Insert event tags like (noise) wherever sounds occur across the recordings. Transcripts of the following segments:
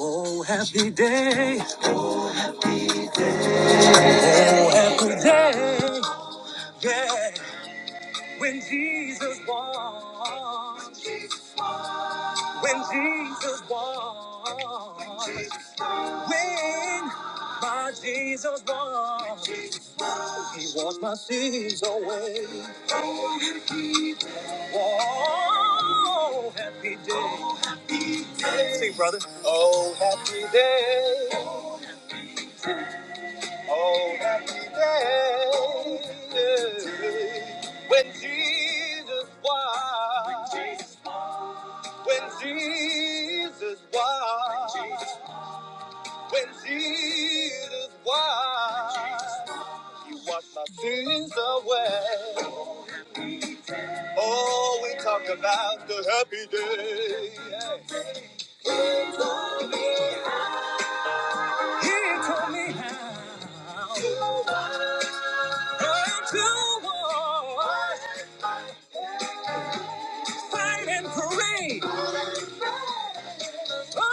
Oh, happy day. Oh, happy day. Yeah. When Jesus walks. When Jesus walks. When my Jesus walks. He washes my sins away. Oh, happy day. Sing, brother. Oh, happy day. Oh, happy day. When Jesus walks. When Jesus was, when Jesus was, He washed my sins away. Oh, we talk about the happy day. He told me how to walk, fight and pray. Oh,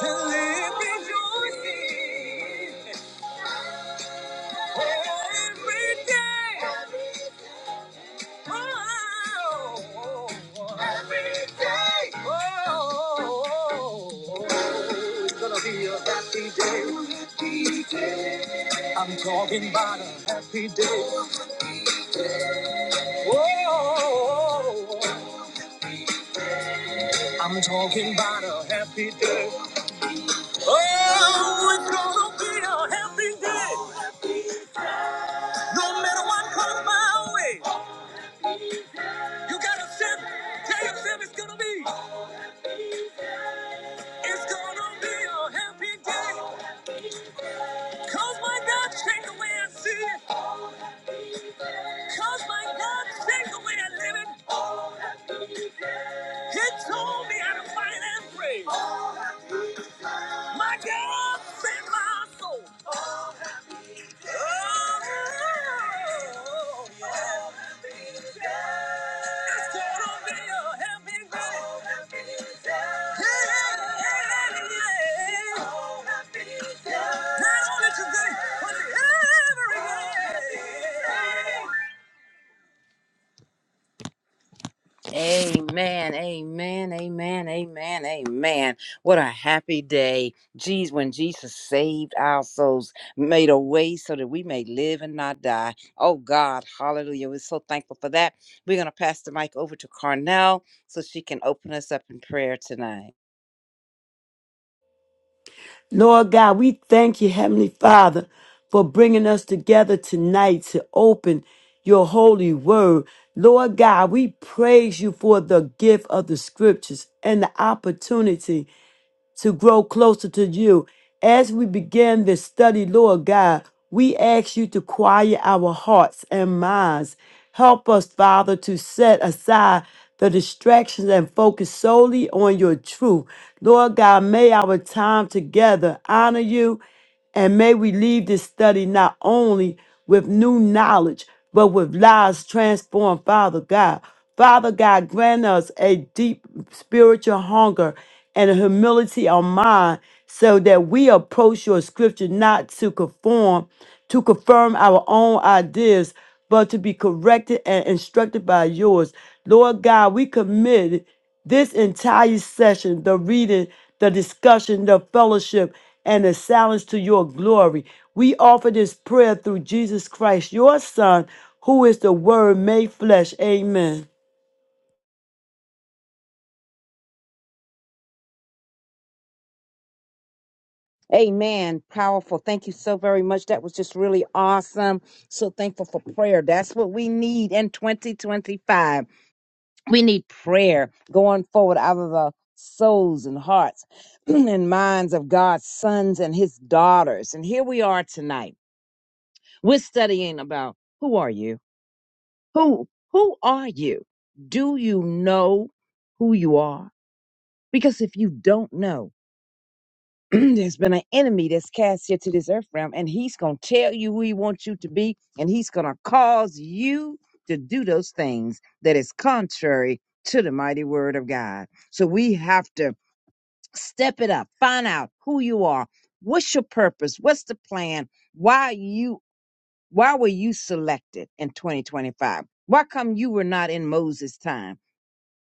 to live rejoicing every day. It's gonna be a happy day. I'm talking about a happy day. Oh, I'm talking about a happy day. Oh, it's gonna be a happy day. No matter what comes my way, you gotta sit, tell yourself it's gonna be. It's gonna be a happy day. Cause my God, take away and see. it. Cause my God saved the way I live it. He told me how to fight and pray. My God saved my soul. Oh, yeah. It's gonna be a happy day. Yeah, yeah, yeah. Not only today, but every day. Amen, amen, amen, amen, amen. What a happy day. Geez, when Jesus saved our souls, made a way so that we may live and not die. Oh God, hallelujah. We're so thankful for that. We're going to pass the mic over to Carnell so she can open us up in prayer tonight. Lord God, we thank you, Heavenly Father, for bringing us together tonight to open your holy word. Lord God, we praise you for the gift of the scriptures and the opportunity to grow closer to you. As we begin this study, Lord God, we ask you to quiet our hearts and minds. Help us, Father, to set aside the distractions and focus solely on your truth. Lord God, may our time together honor you and may we leave this study not only with new knowledge, but with lives transformed, Father God. Father God, grant us a deep spiritual hunger and a humility of mind so that we approach your scripture not to conform, to confirm our own ideas, but to be corrected and instructed by yours. Lord God, we commit. This entire session, the reading, the discussion, the fellowship, and the silence to your glory. We offer this prayer through Jesus Christ, your Son, who is the Word made flesh. Amen. Amen. Powerful. Thank you so very much. That was just really awesome. So thankful for prayer. That's what we need in 2025. We need prayer going forward out of the souls and hearts (clears throat) and minds of God's sons and his daughters. And here we are tonight. We're studying about who are you? Who who are you? Do you know who you are? Because if you don't know, (clears throat) there's been an enemy that's cast here to this earth realm, and he's going to tell you who he wants you to be, and he's going to cause you to do those things that is contrary to the mighty word of God. So we have to step it up, find out who you are, what's your purpose, what's the plan, why you, why were you selected in 2025? Why come you were not in Moses' time?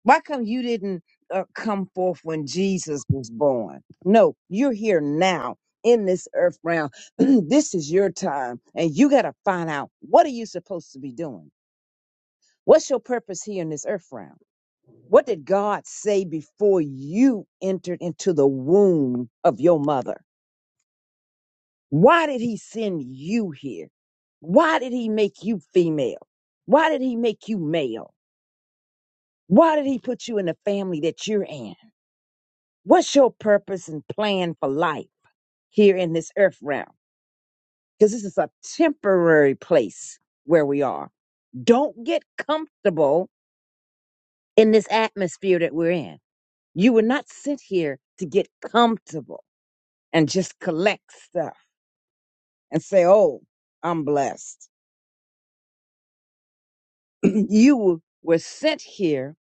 Why come you didn't uh, come forth when Jesus was born? No, you're here now in this earth realm. (clears throat) this is your time, and you got to find out what are you supposed to be doing. What's your purpose here in this earth realm? What did God say before you entered into the womb of your mother? Why did he send you here? Why did he make you female? Why did he make you male? Why did he put you in the family that you're in? What's your purpose and plan for life here in this earth realm? Because this is a temporary place where we are. Don't get comfortable in this atmosphere that we're in. You were not sent here to get comfortable and just collect stuff and say, oh, I'm blessed. (clears throat) you were sent here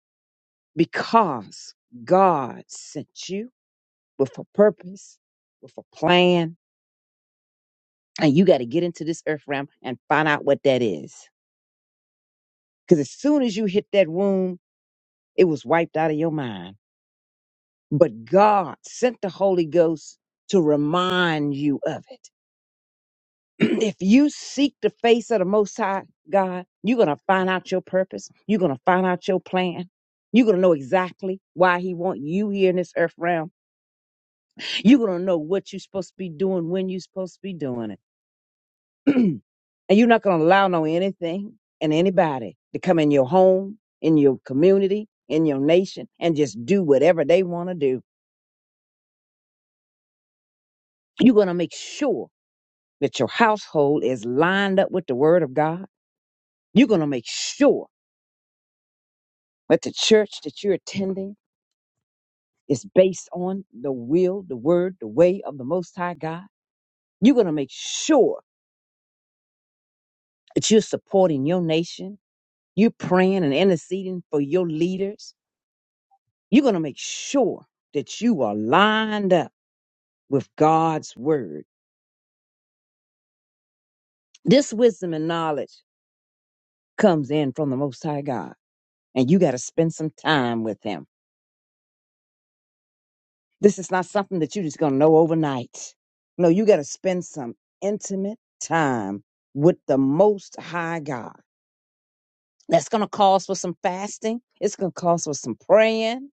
because God sent you with a purpose, with a plan, and you got to get into this earth realm and find out what that is. Because as soon as you hit that womb, it was wiped out of your mind. But God sent the Holy Ghost to remind you of it. (clears throat) if you seek the face of the Most High God, you're going to find out your purpose. You're going to find out your plan. You're going to know exactly why He want you here in this earth realm. You're going to know what you're supposed to be doing, when you're supposed to be doing it. (clears throat) and you're not going to allow no anything and anybody to come in your home, in your community, in your nation, and just do whatever they want to do. You're going to make sure that your household is lined up with the Word of God. You're going to make sure that the church that you're attending is based on the will, the Word, the way of the Most High God. You're going to make sure that you're supporting your nation. You're praying and interceding for your leaders You're going to make sure that you are lined up with God's word. This wisdom and knowledge comes in from the Most High God, and you got to spend some time with Him. This is not something that you're just going to know overnight. No, you got to spend some intimate time with the Most High God. That's going to cause for some fasting. It's going to cause for some praying.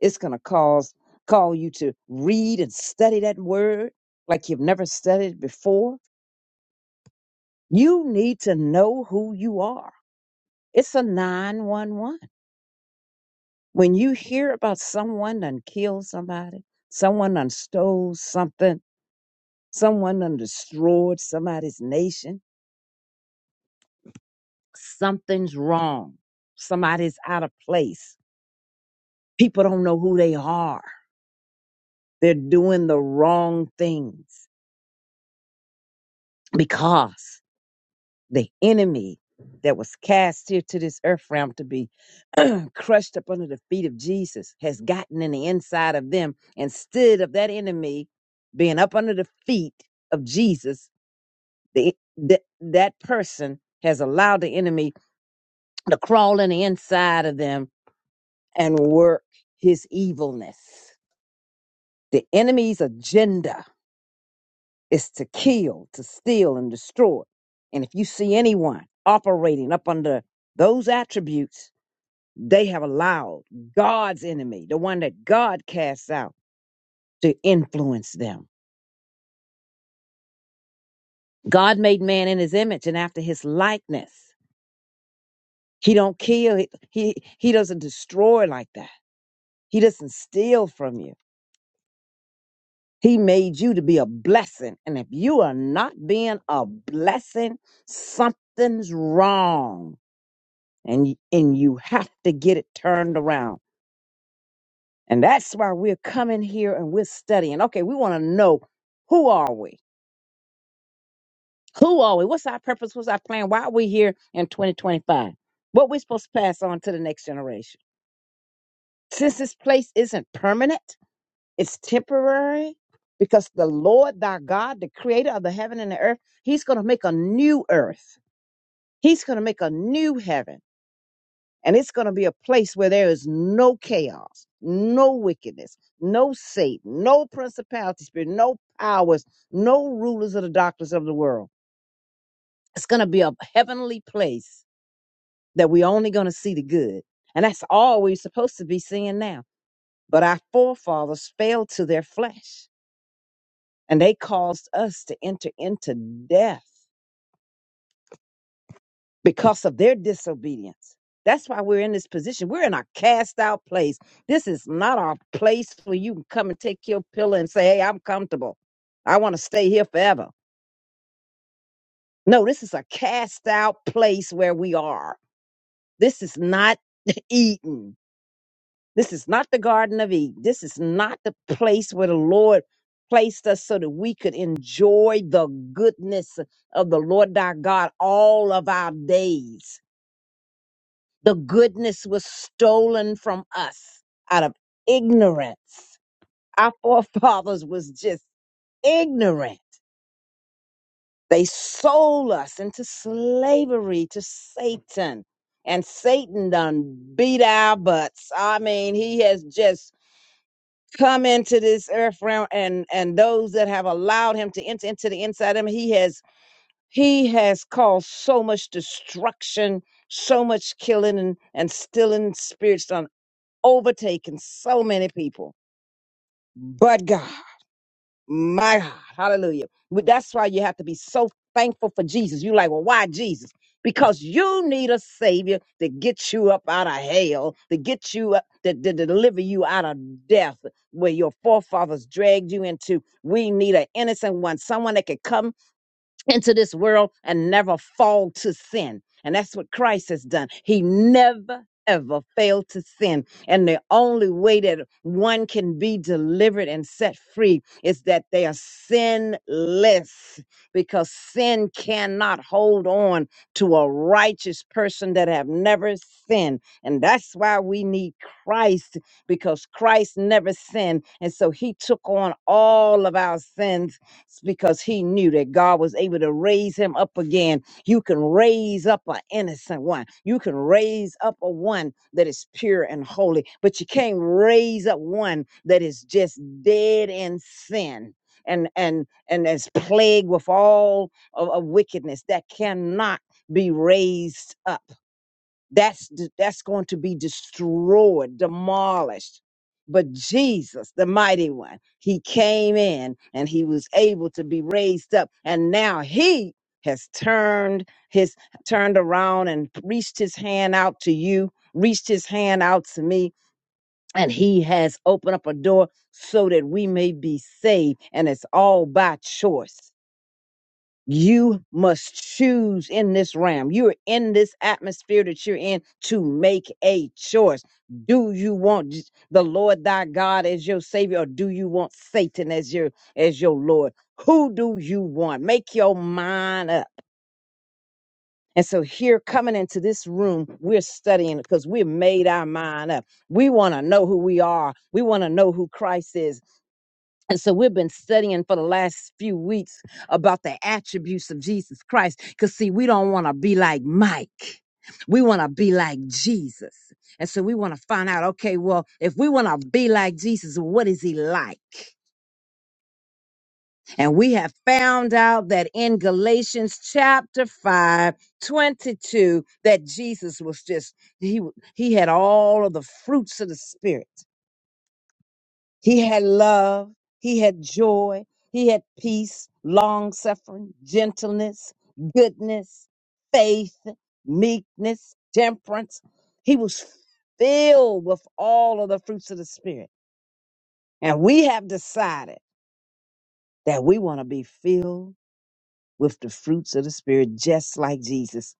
It's going to cause call you to read and study that word like you've never studied before You need to know who you are. It's a 911. When you hear about someone done killed somebody, someone done stole something, someone done destroyed somebody's nation, something's wrong. Somebody's out of place. People don't know who they are. They're doing the wrong things because the enemy that was cast here to this earth realm to be (clears throat) crushed up under the feet of Jesus has gotten in the inside of them instead of that enemy being up under the feet of Jesus the, that that person has allowed the enemy to crawl in the inside of them and work his evilness the enemy's agenda is to kill to steal and destroy and if you see anyone operating up under those attributes They have allowed God's enemy, the one that God casts out, to influence them. God made man in his image and after his likeness. He don't kill, he he, he doesn't destroy like that. He doesn't steal from you. He made you to be a blessing. And if you are not being a blessing, something's wrong. And y- and you have to get it turned around. And that's why we're coming here and we're studying. Okay, we want to know who are we? Who are we? What's our purpose? What's our plan? Why are we here in 2025? What we supposed to pass on to the next generation? Since this place isn't permanent, it's temporary, because the Lord thy God, the creator of the heaven and the earth, he's going to make a new earth. He's going to make a new heaven. And it's going to be a place where there is no chaos, no wickedness, no Satan, no principality spirit, no powers, no rulers of the darkness of the world. It's going to be a heavenly place that we're only going to see the good. And that's all we're supposed to be seeing now. But our forefathers fell to their flesh and they caused us to enter into death because of their disobedience. That's why we're in this position. We're in a cast out place. This is not our place where you can come and take your pillow and say, Hey, I'm comfortable. I want to stay here forever. No, this is a cast out place where we are. This is not (laughs) Eden. This is not the Garden of Eden. This is not the place where the Lord placed us so that we could enjoy the goodness of the Lord our God all of our days. The goodness was stolen from us out of ignorance. Our forefathers was just ignorant. They sold us into slavery to Satan. And Satan done beat our butts. I mean, he has just come into this earth realm and and those that have allowed him to enter into the inside of him he has he has caused so much destruction so much killing and and stealing spirits done overtaking so many people but god my God, hallelujah. But That's why you have to be so thankful for Jesus. You like, well, why Jesus? Because you need a savior to get you up out of hell, to get you up, to, to deliver you out of death where your forefathers dragged you into. We need an innocent one, someone that could come into this world and never fall to sin. And that's what Christ has done. He never ever failed to sin. And the only way that one can be delivered and set free is that they are sinless because sin cannot hold on to a righteous person that have never sinned. And that's why we need Christ because Christ never sinned. And so he took on all of our sins because he knew that God was able to raise him up again. You can raise up an innocent one. You can raise up a one that is pure and holy, but you can't raise up one that is just dead in sin. And and and is plagued with all of, of wickedness that cannot be raised up that's d- that's going to be destroyed demolished but jesus the mighty one he came in and he was able to be raised up and now he has turned his turned around and reached his hand out to you reached his hand out to me and he has opened up a door so that we may be saved and it's all by choice you must choose in this realm. You're in this atmosphere that you're in to make a choice. Do you want j- the Lord thy God as your savior or do you want Satan as your as your lord? Who do you want? Make your mind up. And so here coming into this room, we're studying because we've made our mind up. We want to know who we are. We want to know who Christ is. And so we've been studying for the last few weeks about the attributes of Jesus Christ. Because, see, we don't want to be like Mike. We want to be like Jesus. And so we want to find out okay, well, if we want to be like Jesus, what is he like? And we have found out that in Galatians chapter 5, 22, that Jesus was just, he, he had all of the fruits of the Spirit. He had love. He had joy. He had peace, long suffering, gentleness, goodness, faith, meekness, temperance. He was filled with all of the fruits of the Spirit. And we have decided that we want to be filled with the fruits of the Spirit, just like Jesus.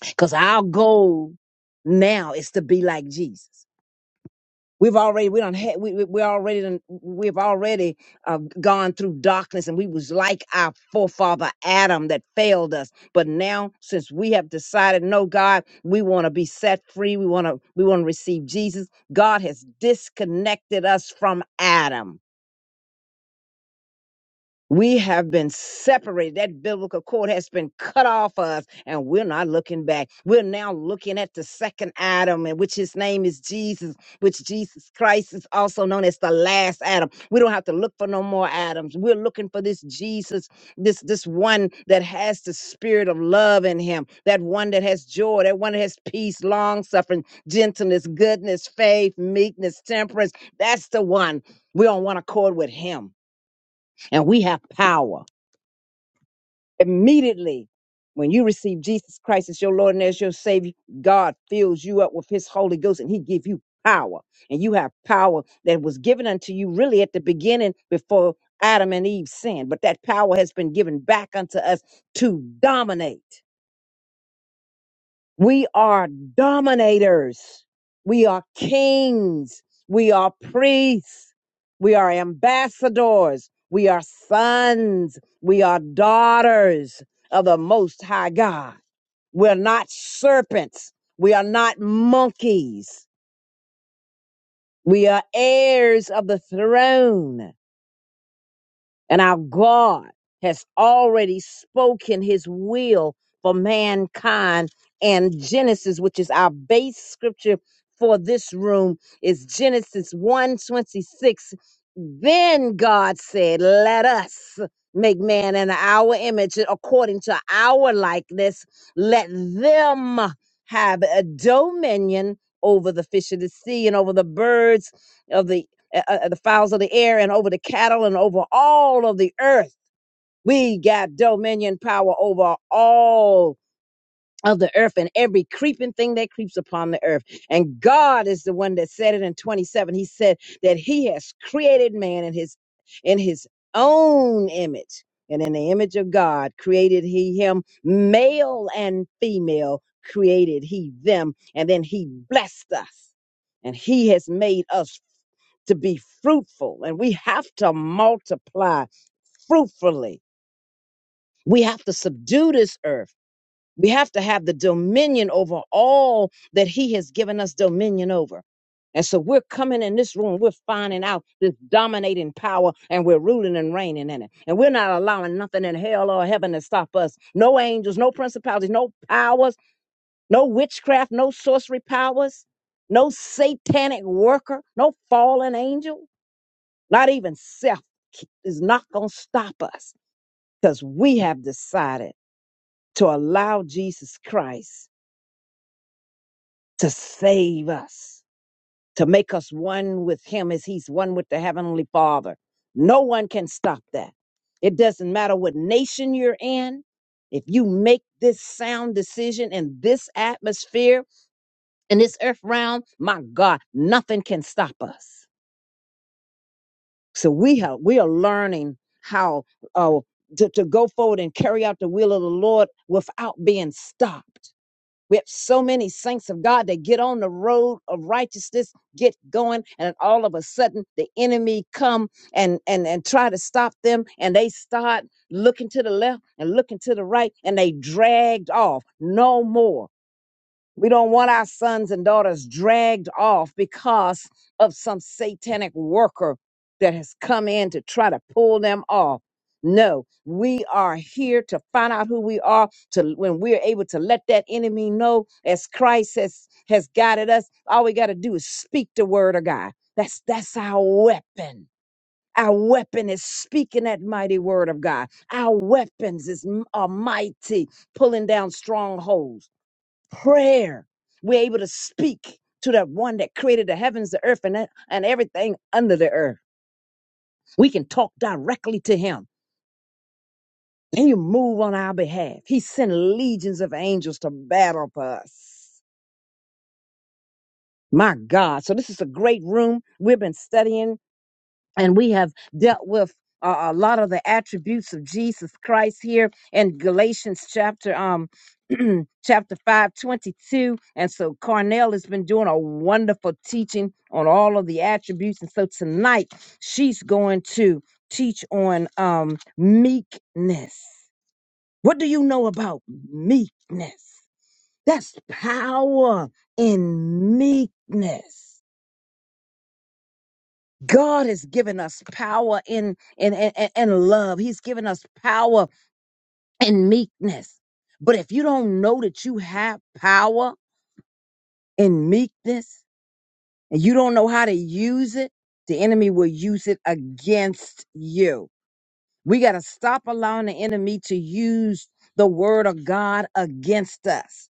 Because our goal now is to be like Jesus. We've already we don't have we we we already done, we've already uh, gone through darkness and we was like our forefather Adam that failed us. But now since we have decided no God, we want to be set free. We want to we want to receive Jesus. God has disconnected us from Adam. We have been separated. That biblical cord has been cut off us, and we're not looking back. We're now looking at the second Adam, and which his name is Jesus, which Jesus Christ is also known as the last Adam. We don't have to look for no more Adams. We're looking for this Jesus, this this one that has the spirit of love in him, that one that has joy, that one that has peace, long suffering, gentleness, goodness, faith, meekness, temperance. That's the one. We're on one accord with him, and we have power immediately when you receive Jesus Christ as your Lord and as your Savior, God fills you up with His Holy Ghost and He give you power. And you have power that was given unto you really at the beginning before Adam and Eve sinned. But that power has been given back unto us to dominate. We are dominators. We are kings. We are priests. We are ambassadors. We are sons. We are daughters of the Most High God. We're not serpents. We are not monkeys. We are heirs of the throne. And our God has already spoken his will for mankind. And Genesis, which is our base scripture for this room, is Genesis one 26. Then God said, Let us make man in our image according to our likeness. Let them have a dominion over the fish of the sea and over the birds of the uh, uh, the fowls of the air and over the cattle and over all of the earth. We got dominion power over all of the earth and every creeping thing that creeps upon the earth. And God is the one that said it in 27. He said that he has created man in his in his own image. And in the image of God created he him male and female created he them and then he blessed us. And he has made us to be fruitful and we have to multiply fruitfully. We have to subdue this earth. We have to have the dominion over all that He has given us dominion over. And so we're coming in this room, we're finding out this dominating power, and we're ruling and reigning in it. And we're not allowing nothing in hell or heaven to stop us. No angels, no principalities, no powers, no witchcraft, no sorcery powers, no satanic worker, no fallen angel, not even self is not going to stop us because we have decided to allow Jesus Christ to save us, to make us one with Him as He's one with the Heavenly Father. No one can stop that. It doesn't matter what nation you're in. If you make this sound decision in this atmosphere, in this earth realm, my God, nothing can stop us. So we have we are learning how uh, to, to go forward and carry out the will of the Lord without being stopped We have so many saints of God that get on the road of righteousness, get going, and all of a sudden the enemy come and and and try to stop them, and they start looking to the left and looking to the right, and they dragged off. No more. We don't want our sons and daughters dragged off because of some satanic worker that has come in to try to pull them off. No, we are here to find out who we are to when we're able to let that enemy know as Christ has has guided us. All we got to do is speak the word of God. That's that's our weapon. Our weapon is speaking that mighty word of God. Our weapons is m- are mighty, pulling down strongholds prayer. We're able to speak to that one that created the heavens, the earth, and, e, and everything under the earth. We can talk directly to him. And you move on our behalf. He sent legions of angels to battle for us. My God. So this is a great room. We've been studying and we have dealt with uh, a lot of the attributes of Jesus Christ here in Galatians chapter um (clears throat) chapter 5 22. and so Carnell has been doing a wonderful teaching on all of the attributes and so tonight she's going to teach on um meekness what do you know about meekness that's power in meekness God has given us power in in and love. He's given us power in meekness. But if you don't know that you have power in meekness and you don't know how to use it, the enemy will use it against you. We got to stop allowing the enemy to use the word of God against us.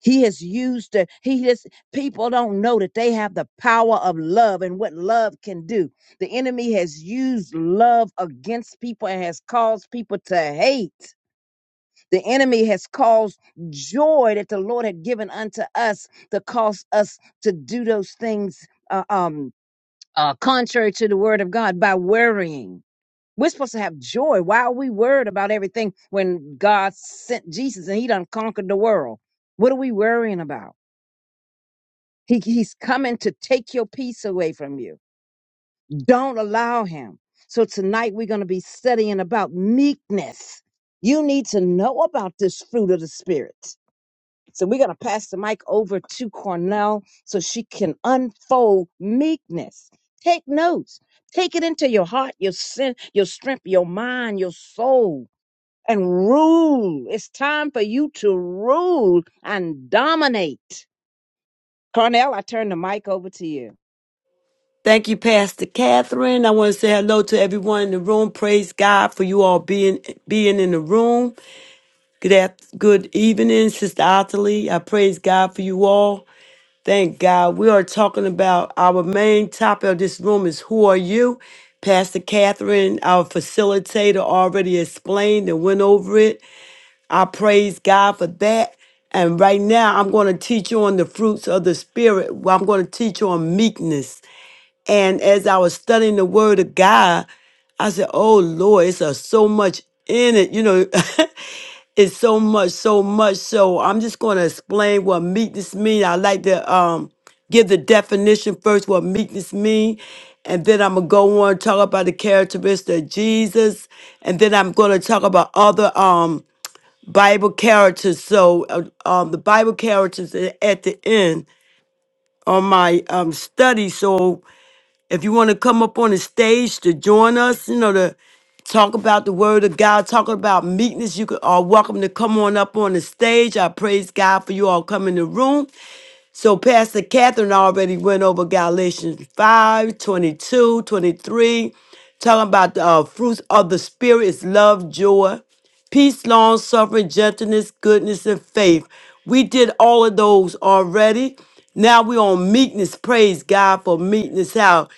He has used the he just people don't know that they have the power of love and what love can do. The enemy has used love against people and has caused people to hate. The enemy has caused joy that the Lord had given unto us to cause us to do those things uh, um uh, contrary to the word of God by worrying. We're supposed to have joy. Why are we worried about everything when God sent Jesus and he done conquered the world? What are we worrying about? He, he's coming to take your peace away from you. Don't allow him. So tonight we're going to be studying about meekness. You need to know about this fruit of the spirit. So we're going to pass the mic over to Cornell so she can unfold meekness. Take notes. Take it into your heart, your sin, your strength, your mind, your soul, and rule. It's time for you to rule and dominate. Cornell, I turn the mic over to you. Thank you, Pastor Catherine. I want to say hello to everyone in the room. Praise God for you all being being in the room. Good after, good evening, Sister Ottilie. I praise God for you all. Thank God. We are talking about our main topic of this room is who are you? Pastor Catherine, our facilitator, already explained and went over it. I praise God for that. And right now, I'm going to teach you on the fruits of the Spirit. Well, I'm going to teach you on meekness. And as I was studying the Word of God, I said, Oh Lord, it's uh, so much in it. You know, (laughs) It's so much, so much. So I'm just going to explain what meekness means. I like to um, give the definition first, what meekness means. And then I'm going to go on and talk about the characteristics of Jesus. And then I'm going to talk about other um, Bible characters. So uh, um, the Bible characters a- at the end on my um, study. So if you want to come up on the stage to join us, you know, to talk about the word of God, talk about meekness, you could- are welcome to come on up on the stage. I praise God for you all coming in the room. So Pastor Catherine already went over Galatians 5, twenty-two, 23, talking about the uh, fruits of the Spirit is love, joy, peace, long suffering, gentleness, goodness, and faith. We did all of those already. Now we're on meekness. Praise God for meekness. How?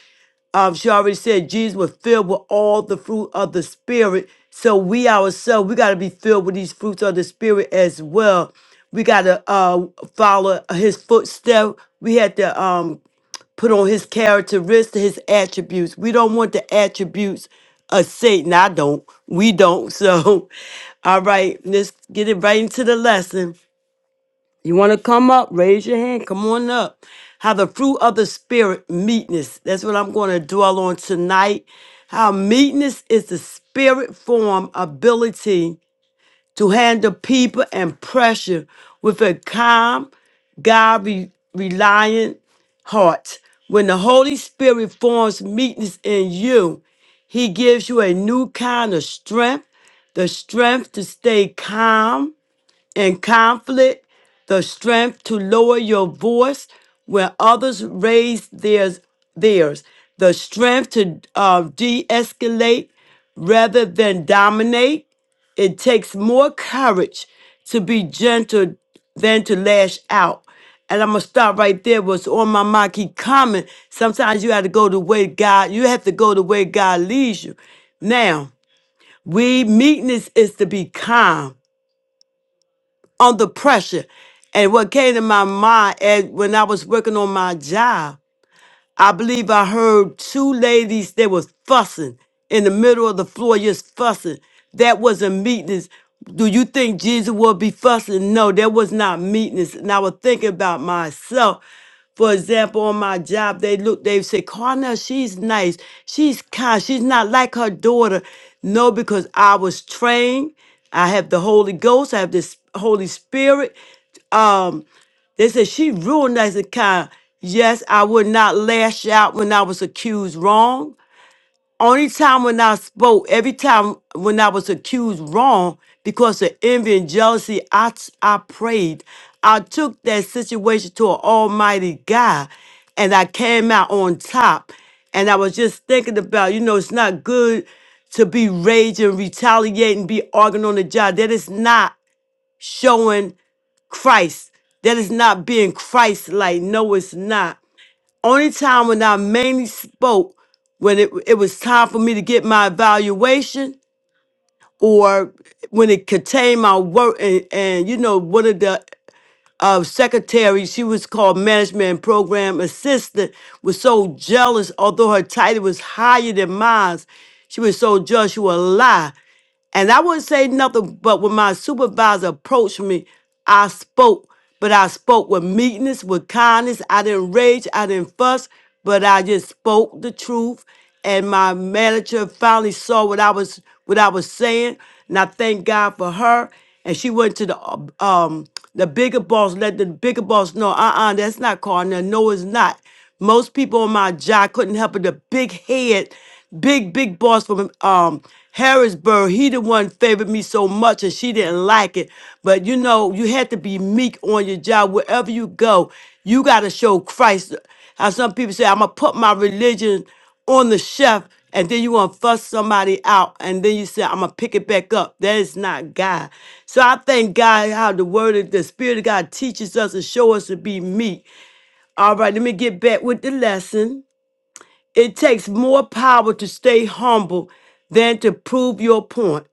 um, she already said Jesus was filled with all the fruit of the spirit. So we ourselves, we got to be filled with these fruits of the spirit as well. We got to uh, follow his footstep. We had to um, put on his characteristics, his attributes. We don't want the attributes of Satan. I don't. We don't. So, (laughs) all right, let's get it right into the lesson. You want to come up? Raise your hand. Come on up. How the fruit of the spirit, meekness. That's what I'm going to dwell on tonight. How meekness is the spirit form ability to handle people and pressure with a calm, God re- reliant heart. When the Holy Spirit forms meekness in you, He gives you a new kind of strength, the strength to stay calm in conflict, the strength to lower your voice when others raise theirs, theirs the strength to uh, de escalate rather than dominate. It takes more courage to be gentle than to lash out. And I'm gonna stop right there. What's on my mind keep coming. Sometimes you have to go the way God, you have to go the way God leads you. Now, we meekness is to be calm under pressure. And what came to my mind as when I was working on my job I believe I heard two ladies that was fussing in the middle of the floor, just fussing. That wasn't meekness. Do you think Jesus would be fussing? No, that was not meekness. And I was thinking about myself. For example, on my job, they look, they say, Carnell, she's nice. She's kind. She's not like her daughter. No, because I was trained. I have the Holy Ghost. I have this Holy Spirit. Um, they said she ruled nice and kind. Yes, I would not lash out when I was accused wrong. Only time when I spoke, every time when I was accused wrong, because of envy and jealousy, I, t- I prayed. I took that situation to an almighty God and I came out on top. And I was just thinking about, you know, it's not good to be raging, retaliating, be arguing on the job. That is not showing Christ. That is not being Christ like. No, it's not. Only time when I mainly spoke, when it, it was time for me to get my evaluation or when it contained my work, and, and you know, one of the uh, secretaries, she was called management and program assistant, was so jealous, although her title was higher than mine. She was so jealous, she would lie. And I wouldn't say nothing, but when my supervisor approached me, I spoke, but I spoke with meekness, with kindness. I didn't rage, I didn't fuss, but I just spoke the truth. And my manager finally saw what I was what I was saying, and I thank God for her. And she went to the uh, um the bigger boss, let the bigger boss know, uh-uh, that's not Cardinal. No, it's not. Most people on my job couldn't help but the big head big big boss from um Harrisburg. He the one favored me so much, and she didn't like it. But you know, you had to be meek on your job wherever you go. You got to show Christ. How some people say, "I'm gonna put my religion on the chef," and then you gonna fuss somebody out, and then you say, "I'm gonna pick it back up." That is not God. So I thank God how the Word of the Spirit of God teaches us and show us to be meek. All right, let me get back with the lesson. It takes more power to stay humble than to prove your point.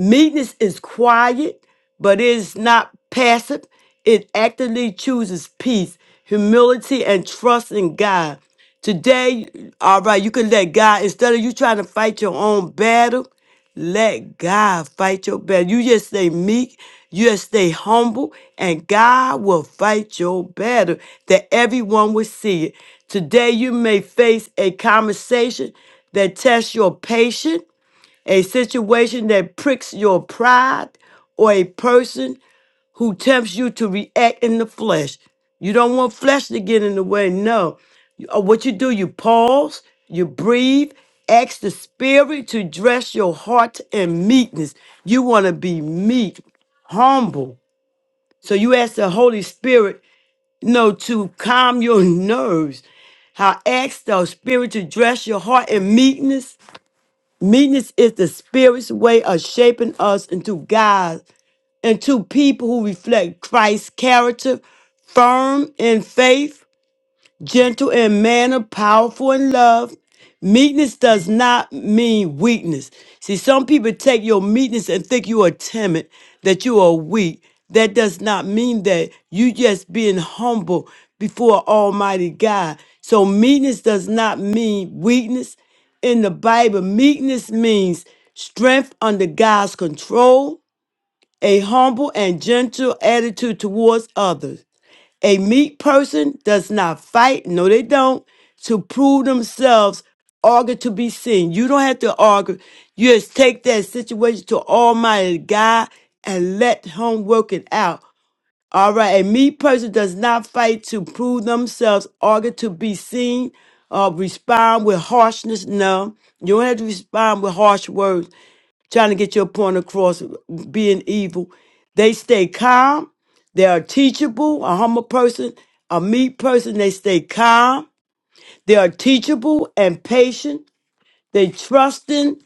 Meekness is quiet, but it is not passive. It actively chooses peace, humility, and trust in God. Today, all right, you can let God, instead of you trying to fight your own battle, let God fight your battle. You just stay meek, you just stay humble, and God will fight your battle that everyone will see it. Today, you may face a conversation that tests your patience a situation that pricks your pride, or a person who tempts you to react in the flesh. You don't want flesh to get in the way. No. You- uh, What you do, you pause, you breathe, ask the Spirit to dress your heart in meekness. You want to be meek, humble. So you ask the Holy Spirit, you know, to calm your (laughs) nerves. How ask the Spirit to dress your heart in meekness Meekness is the spirit's way of shaping us into God, into people who reflect Christ's character, firm in faith, gentle in manner, powerful in love. Meekness does not mean weakness. See, some people take your meekness and think you are timid, that you are weak. That does not mean that you just being humble before Almighty God. So meekness does not mean weakness. In the Bible, meekness means strength under God's control, a humble and gentle attitude towards others. A meek person does not fight, no, they don't, to prove themselves argue to be seen. You don't have to argue. You just take that situation to Almighty God and let Him work it out. All right. A meek person does not fight to prove themselves argue to be seen or respond with harshness. No, you don't have to respond with harsh words trying to get your point across being evil. They stay calm. They are teachable, a humble person, a meek person. They stay calm. They are teachable and patient. They trust in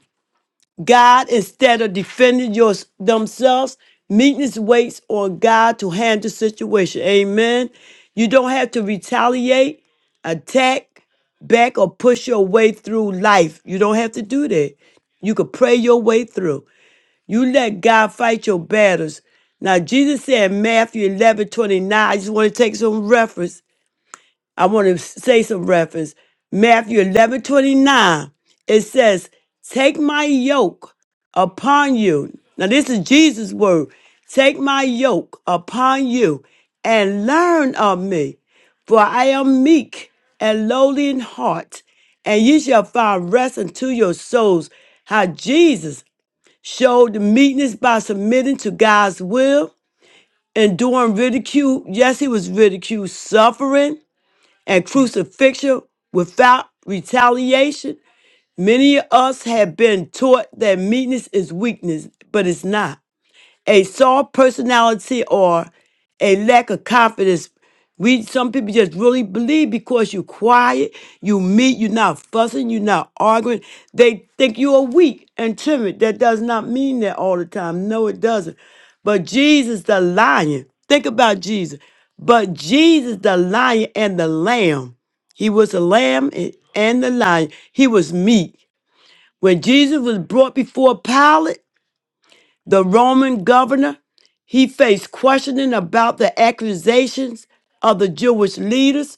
God instead of defending your, themselves. Meekness waits on God to handle situation. Amen. You don't have to retaliate, attack, back, or push your way through life. You don't have to do that. You could pray your way through. You let God fight your battles. Now, Jesus said in Matthew 11 29. I just want to take some reference. I want to say some reference. Matthew 11 29. it says, Take my yoke upon you. Now, this is Jesus' word. Take my yoke upon you and learn of me, for I am meek and lowly in heart, and ye shall find rest unto your souls. How Jesus showed meekness by submitting to God's will, enduring ridicule. Yes, he was ridiculed, suffering, and crucifixion without retaliation. Many of us have been taught that meekness is weakness, but it's not a soft personality or a lack of confidence. We some people just really believe because you're quiet, you meet, you're not fussing, you're not arguing. They think you are weak and timid. That does not mean that all the time. No, it doesn't. But Jesus the lion. Think about Jesus. But Jesus the lion and the lamb. He was a lamb and and the lion. He was meek. When Jesus was brought before Pilate, the Roman governor, he faced questioning about the accusations of the Jewish leaders.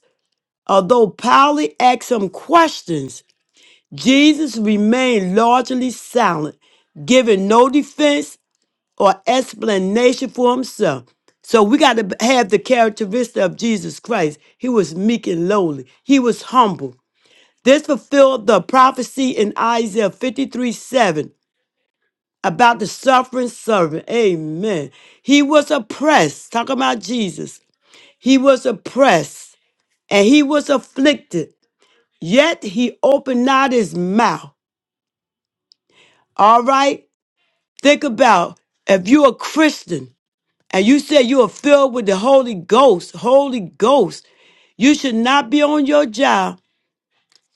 Although Pilate asked some questions, Jesus remained largely silent, giving no defense or explanation for himself. So we got to have the characteristic of Jesus Christ. He was meek and lowly. He was humble. This fulfilled the prophecy in Isaiah fifty three seven about the suffering servant. Amen. He was oppressed. Talk about Jesus. He was oppressed and he was afflicted, yet he opened not his mouth. All right? Think about if you're a Christian and you say you are filled with the Holy Ghost, Holy Ghost, you should not be on your job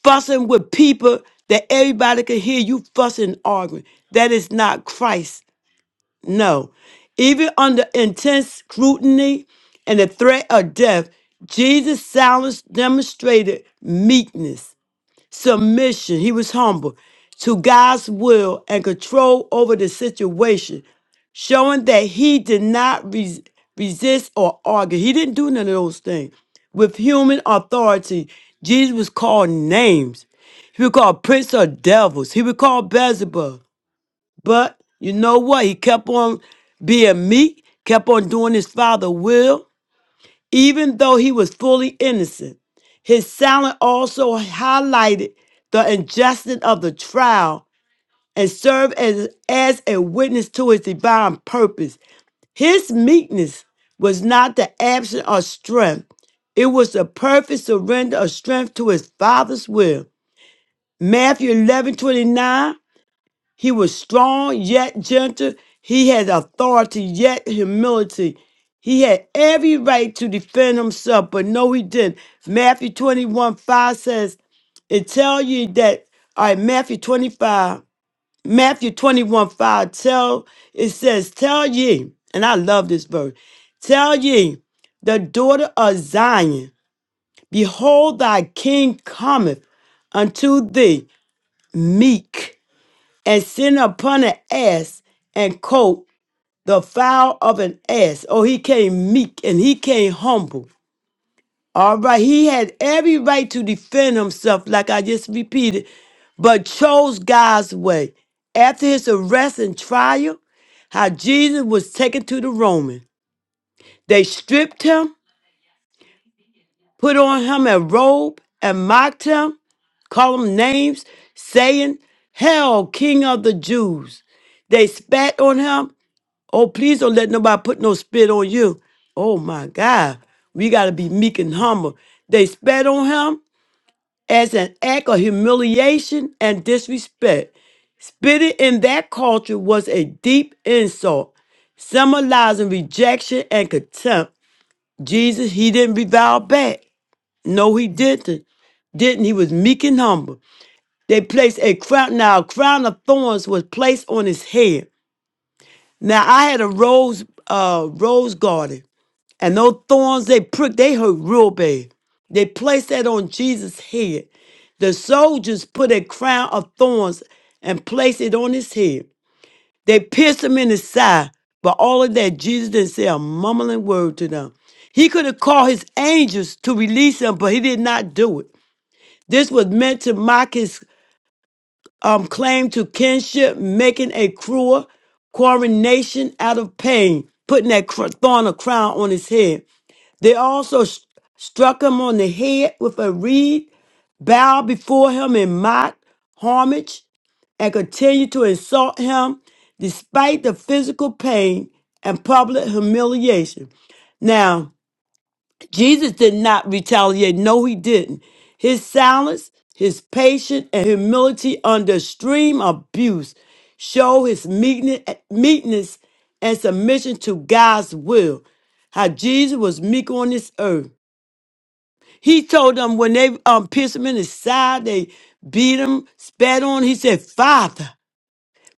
fussing with people that everybody can hear you fussing and arguing. That is not Christ. No. Even under intense scrutiny and the threat of death, Jesus' silence demonstrated meekness, submission. He was humble to God's will and control over the situation, showing that he did not res- resist or argue. He didn't do none of those things. With human authority, Jesus was called names. He was called Prince of Devils. He was called Beelzebub. But you know what? He kept on being meek, kept on doing his father's will, even though he was fully innocent. His silence also highlighted the injustice of the trial and served as, as a witness to his divine purpose. His meekness was not the absence of strength, it was the perfect surrender of strength to his father's will. Matthew 11 29. He was strong yet gentle. He had authority yet humility. He had every right to defend himself, but no, he didn't. Matthew 21 5 says, It tell you that, all right, Matthew 25, Matthew 21 5 tell, it says, Tell ye, and I love this verse, tell ye, the daughter of Zion, behold, thy king cometh unto thee, meek and sent upon an ass and coat the fowl of an ass. Oh, he came meek and he came humble. All right, he had every right to defend himself, like I just repeated, but chose God's way. After his arrest and trial, how Jesus was taken to the Roman. They stripped him, put on him a robe, and mocked him, called him names, saying, Hail, King of the Jews. They spat on him Oh, please don't let nobody put no spit on you. Oh my God. We got to be meek and humble. They spat on him as an act of humiliation and disrespect. Spitting in that culture was a deep insult, symbolizing rejection and contempt. Jesus, he didn't revile back. No, he didn't. Didn't he was meek and humble. They placed a crown. Now a crown of thorns was placed on his head. Now I had a rose, uh, rose garden And those thorns they pricked, they hurt real bad. They placed that on Jesus' head. The soldiers put a crown of thorns and placed it on his head. They pierced him in his side, but all of that, Jesus didn't say a mumbling word to them. He could have called his angels to release him, but he did not do it. This was meant to mock his um, claim to kinship, making a cruel coronation out of pain, putting that cr- thorn or crown on his head. They also st- struck him on the head with a reed, bowed before him in mock homage, and continued to insult him despite the physical pain and public humiliation. Now, Jesus did not retaliate. No, he didn't. His silence, his patience, and humility under extreme abuse show his meekne- meekness and submission to God's will. How Jesus was meek on this earth he told them when they um, pierced him in his side, they beat him, spat on. He said, Father,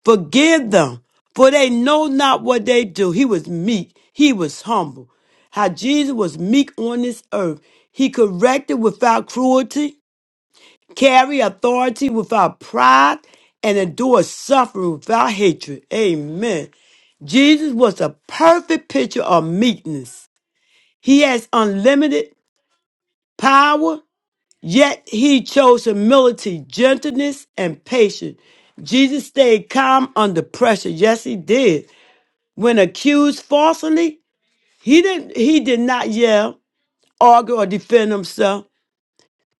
forgive them, for they know not what they do. He was meek. He was humble. How Jesus was meek on this earth. He corrected without cruelty, carry authority without pride, and endure suffering without hatred. Amen. Jesus was a perfect picture of meekness. He has unlimited power Yet he chose humility, gentleness, and patience. Jesus stayed calm under pressure. Yes, he did. When accused falsely, he didn't he did not yell, argue, or defend himself.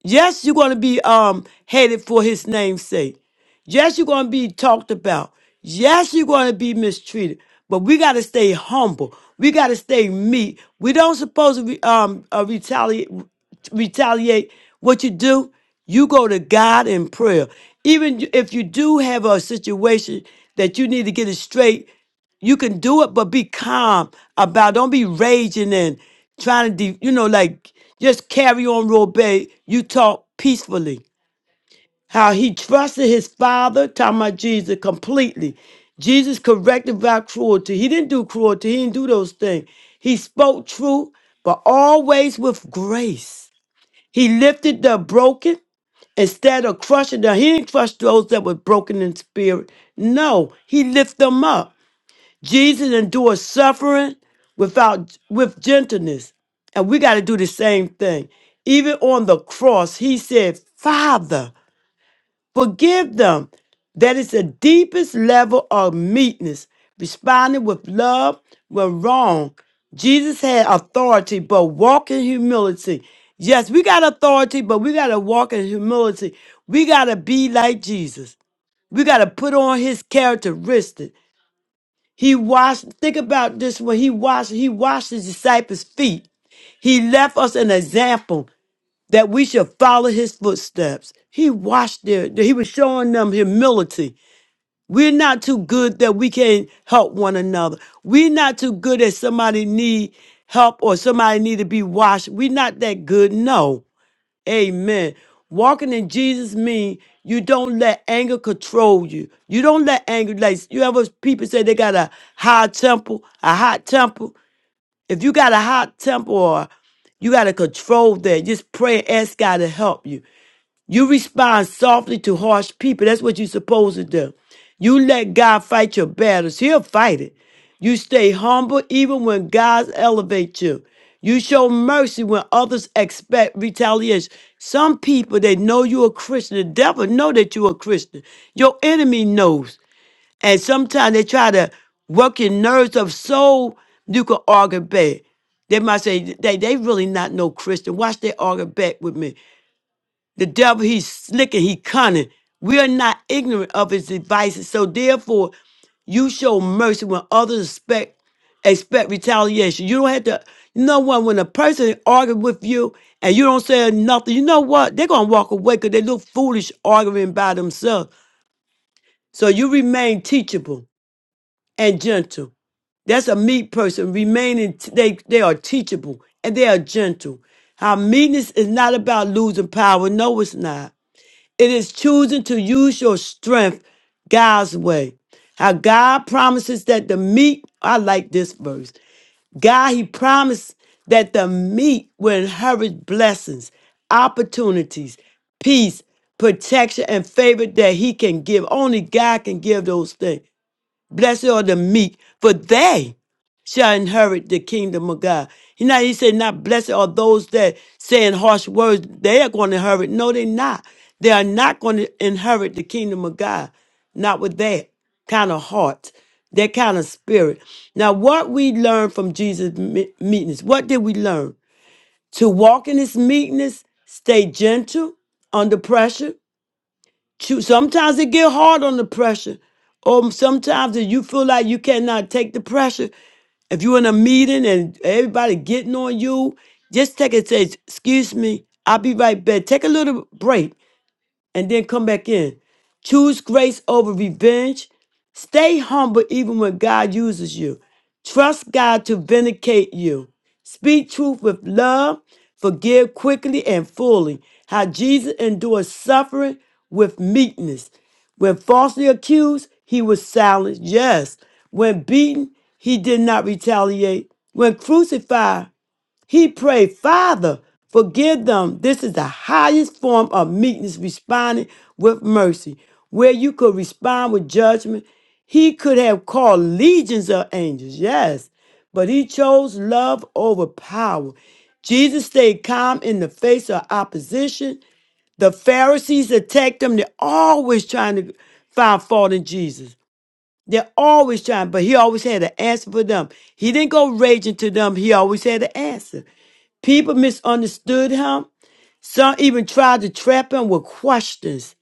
Yes, you're going to be um hated for his name's sake. Yes, you're going to be talked about. Yes, you're going to be mistreated. But we got to stay humble. We got to stay meek. We don't supposed to re, um uh, retaliate retaliate what you do. You go to God in prayer. Even if you do have a situation that you need to get it straight you can do it, but be calm about. Don't be raging and trying to, de- you know, like just carry on, Robey. You talk peacefully. How he trusted his father, talking about Jesus completely. Jesus corrected about cruelty. He didn't do cruelty. He didn't do those things. He spoke truth, but always with grace. He lifted the broken instead of crushing them. He didn't crush those that were broken in spirit. No, he lifted them up. Jesus endured suffering without with gentleness. And we got to do the same thing. Even on the cross, he said, Father, forgive them. That is the deepest level of meekness, responding with love when wrong. Jesus had authority, but walk in humility. Yes, we got authority, but we got to walk in humility. We got to be like Jesus. We got to put on his characteristics. He washed, think about this when he washed, he washed his disciples' feet. He left us an example that we should follow his footsteps. He washed their, he was showing them humility. We're not too good that we can help one another. We're not too good that somebody need help or somebody need to be washed. We're not that good. No. Amen. Walking in Jesus means you don't let anger control you. You don't let anger like you ever people say they got a high temper, a hot temper. If you got a hot temper or you got to control that. Just pray and ask God to help you. You respond softly to harsh people. That's what you're supposed to do. You let God fight your battles. He'll fight it. You stay humble even when God elevates you. You show mercy when others expect retaliation. Some people they know you're a Christian. The devil know that you're a Christian. Your enemy knows. And sometimes they try to work your nerves up so you can argue back. They might say they, they really not no Christian. Watch they argue back with me. The devil, he's slick and he cunning. We are not ignorant of his devices. So therefore, you show mercy when others expect expect retaliation. You don't have to. You know what? When a person argues with you and you don't say nothing, you know what? They're gonna walk away because they look foolish arguing by themselves. So you remain teachable and gentle. That's a meek person. Remaining, t- they they are teachable and they are gentle. How meekness is not about losing power. No, it's not. It is choosing to use your strength God's way. How God promises that the meek, I like this verse. God, He promised that the meek will inherit blessings, opportunities, peace, protection, and favor that He can give. Only God can give those things. Blessed are the meek, for they shall inherit the kingdom of God. He now he said, not blessed are those that saying harsh words, they are going to inherit. No, they're not. They are not going to inherit the kingdom of God. Not with that kind of heart, that kind of spirit. Now, what we learned from Jesus' me- meekness, what did we learn? To walk in his meekness, stay gentle under pressure, Choo- Sometimes it get hard on the pressure. Or sometimes if you feel like you cannot take the pressure, if you're in a meeting and everybody getting on you, just take it. Say, excuse me, I'll be right back. Take a little break and then come back in. Choose grace over revenge. Stay humble even when God uses you. Trust God to vindicate you. Speak truth with love. Forgive quickly and fully. How Jesus endured suffering with meekness. When falsely accused, he was silent. Yes. When beaten, he did not retaliate. When crucified, he prayed, Father, forgive them. This is the highest form of meekness, responding with mercy. Where you could respond with judgment, he could have called legions of angels, yes, but he chose love over power. Jesus stayed calm in the face of opposition. The Pharisees attacked him. They're always trying to find fault in Jesus. They're always trying, but he always had an answer for them. He didn't go raging to them. He always had an answer. People misunderstood him. Some even tried to trap him with questions.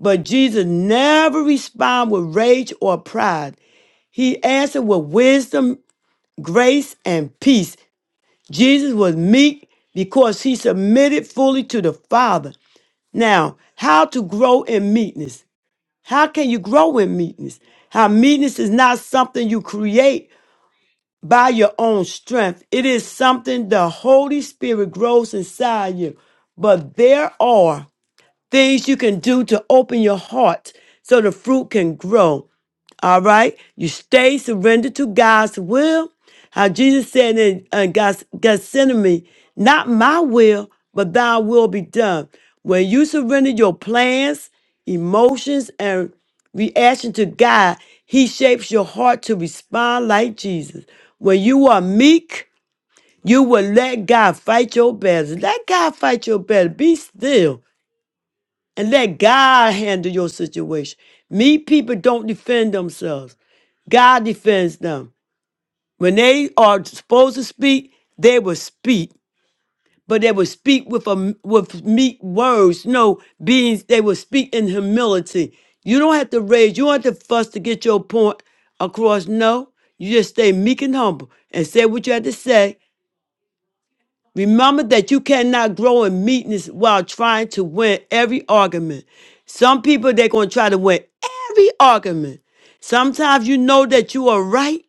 But Jesus never responded with rage or pride. He answered with wisdom, grace, and peace. Jesus was meek because he submitted fully to the Father. Now, how to grow in meekness? How can you grow in meekness? How meekness is not something you create, by your own strength. It is something the Holy Spirit grows inside you. But there are things you can do to open your heart so the fruit can grow. All right? You stay surrendered to God's will. How Jesus said in uh, Geth- Gethsemane, not my will, but thy will be done. When you surrender your plans, emotions, and reaction to God, he shapes your heart to respond like Jesus. When you are meek, you will let God fight your battles. Let God fight your battle. Be still and let God handle your situation. Me people don't defend themselves. God defends them. When they are supposed to speak, they will speak, but they will speak with a with meek words. No, being they will speak in humility. You don't have to raise. You don't have to fuss to get your point across. No, you just stay meek and humble and say what you have to say Remember that you cannot grow in meekness while trying to win every argument. Some people, they're going to try to win every argument. Sometimes you know that you are right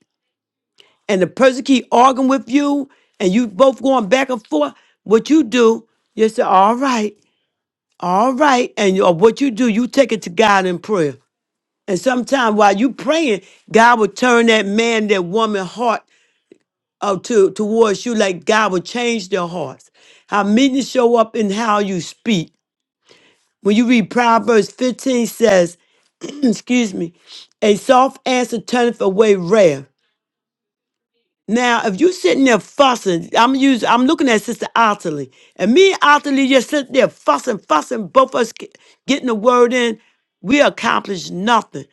and the person keep arguing with you and you both going back and forth. What you do, you say, all right, all right. And you- or what you do, you take it to God in prayer. And sometimes while you praying, God will turn that man, that woman heart uh, to towards you like God will change their hearts. How meekness show up in how you speak. When you read Proverbs 15 says, (clears throat) excuse me, a soft answer turneth away wrath. Now, if you sitting there fussing, I'm use I'm looking at Sister Otterly, and me and Otterly just sitting there fussing, fussing, both of us get- getting the word in, we accomplish nothing.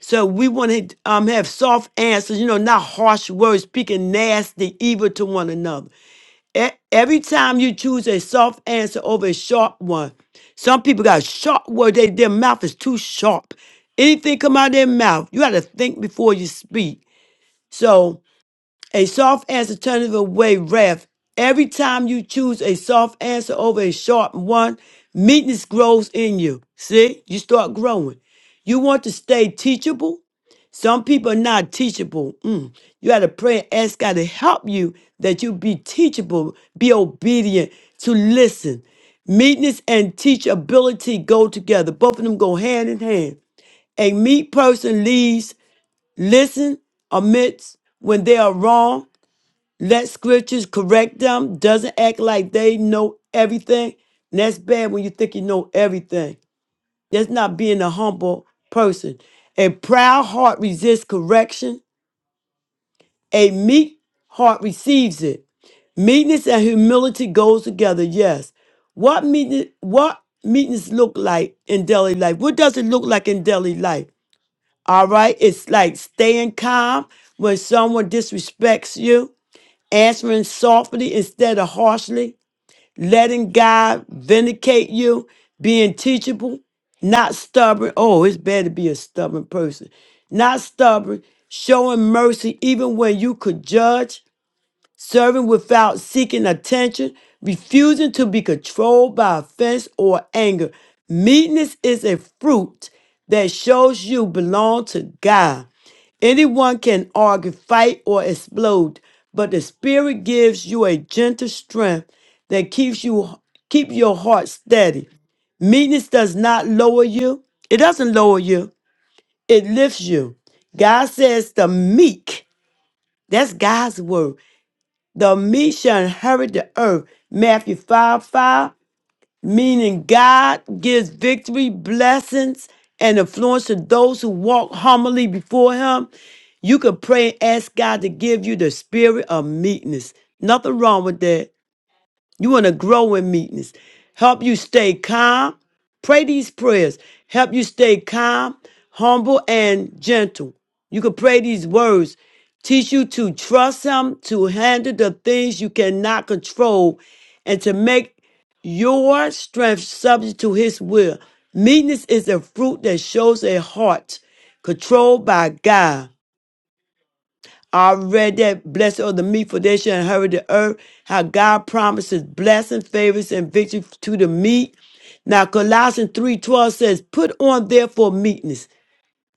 So we want to um, have soft answers, you know, not harsh words, speaking nasty, evil to one another. E- Every time you choose a soft answer over a sharp one, some people got sharp words. They, their mouth is too sharp. Anything come out of their mouth, you got to think before you speak. So a soft answer turneth away wrath. Every time you choose a soft answer over a sharp one, meekness grows in you. See, you start growing. You want to stay teachable. Some people are not teachable. Mm. You got to pray and ask God to help you that you be teachable, be obedient, to listen. Meekness and teachability go together. Both of them go hand in hand. A meek person leads, listen, admits when they are wrong, let scriptures correct them. Doesn't act like they know everything. And that's bad when you think you know everything. That's not being a humble person. A proud heart resists correction. A meek heart receives it. Meekness and humility goes together, yes. What meekness, what meekness look like in daily life? What does it look like in daily life? All right. It's like staying calm when someone disrespects you, answering softly instead of harshly, letting God vindicate you, being teachable, not stubborn. Oh, it's better to be a stubborn person. Not stubborn, showing mercy even when you could judge serving without seeking attention, refusing to be controlled by offense or anger. Meekness is a fruit that shows you belong to God. Anyone can argue, fight, or explode, but the Spirit gives you a gentle strength that keeps you keep your heart steady. Meekness does not lower you. It doesn't lower you. It lifts you. God says the meek. That's God's word. The meek shall inherit the earth. Matthew 5 5, meaning God gives victory, blessings, and influence to those who walk humbly before Him. You can pray and ask God to give you the spirit of meekness. Nothing wrong with that. You want to grow in meekness. Help you stay calm. Pray these prayers. Help you stay calm, humble, and gentle. You can pray these words. Teach you to trust Him, to handle the things you cannot control, and to make your strength subject to His will. Meekness is a fruit that shows a heart controlled by God. I read that blessed are the meek, for they shall inherit the earth. How God promises blessing, favors, and victory to the meek. Now Colossians three twelve says, "Put on therefore meekness."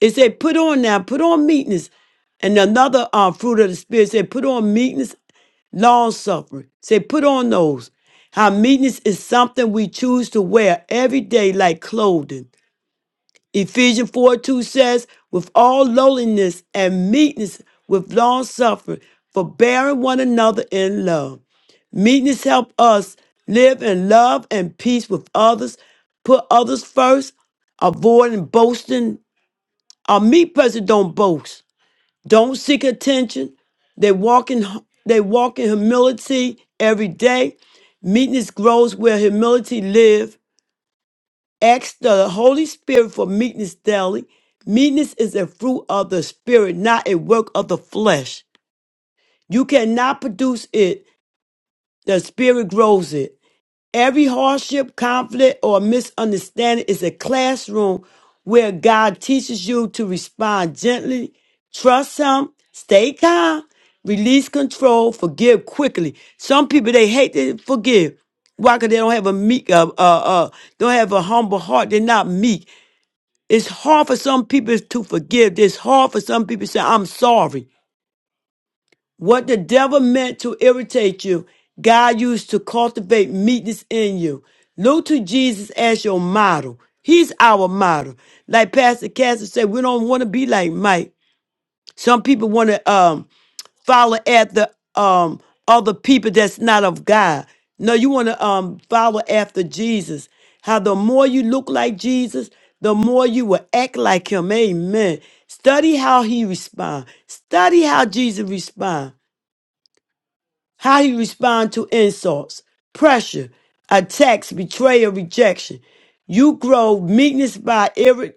It said, "Put on now, put on meekness." And another uh, fruit of the spirit said, "Put on meekness, long suffering." Say, "Put on those." How meekness is something we choose to wear every day, like clothing. Ephesians 4 2 says, with all lowliness and meekness, with long suffering, forbearing one another in love. Meekness help us live in love and peace with others, put others first, avoiding boasting. A meek person don't boast, don't seek attention. They walk in they walk in humility every day. Meekness grows where humility lives Ask the Holy Spirit for meekness daily. Meekness is a fruit of the Spirit, not a work of the flesh. You cannot produce it, the Spirit grows it. Every hardship, conflict, or misunderstanding is a classroom where God teaches you to respond gently, trust Him, stay calm, release control, forgive quickly. Some people, they hate to forgive. Why? Because they don't have a meek, uh, uh, uh, don't have a humble heart. They're not meek. It's hard for some people to forgive. It's hard for some people to say, I'm sorry. What the devil meant to irritate you, God used to cultivate meekness in you. Look to Jesus as your model. He's our model. Like Pastor Cassidy said, we don't want to be like Mike. Some people want to. um follow after um other people that's not of God. No, you want to um follow after Jesus. How the more you look like Jesus, the more you will act like him. Amen. Study how he responds. Study how Jesus responds how he respond to insults, pressure, attacks, betrayal, rejection. You grow meekness by iri-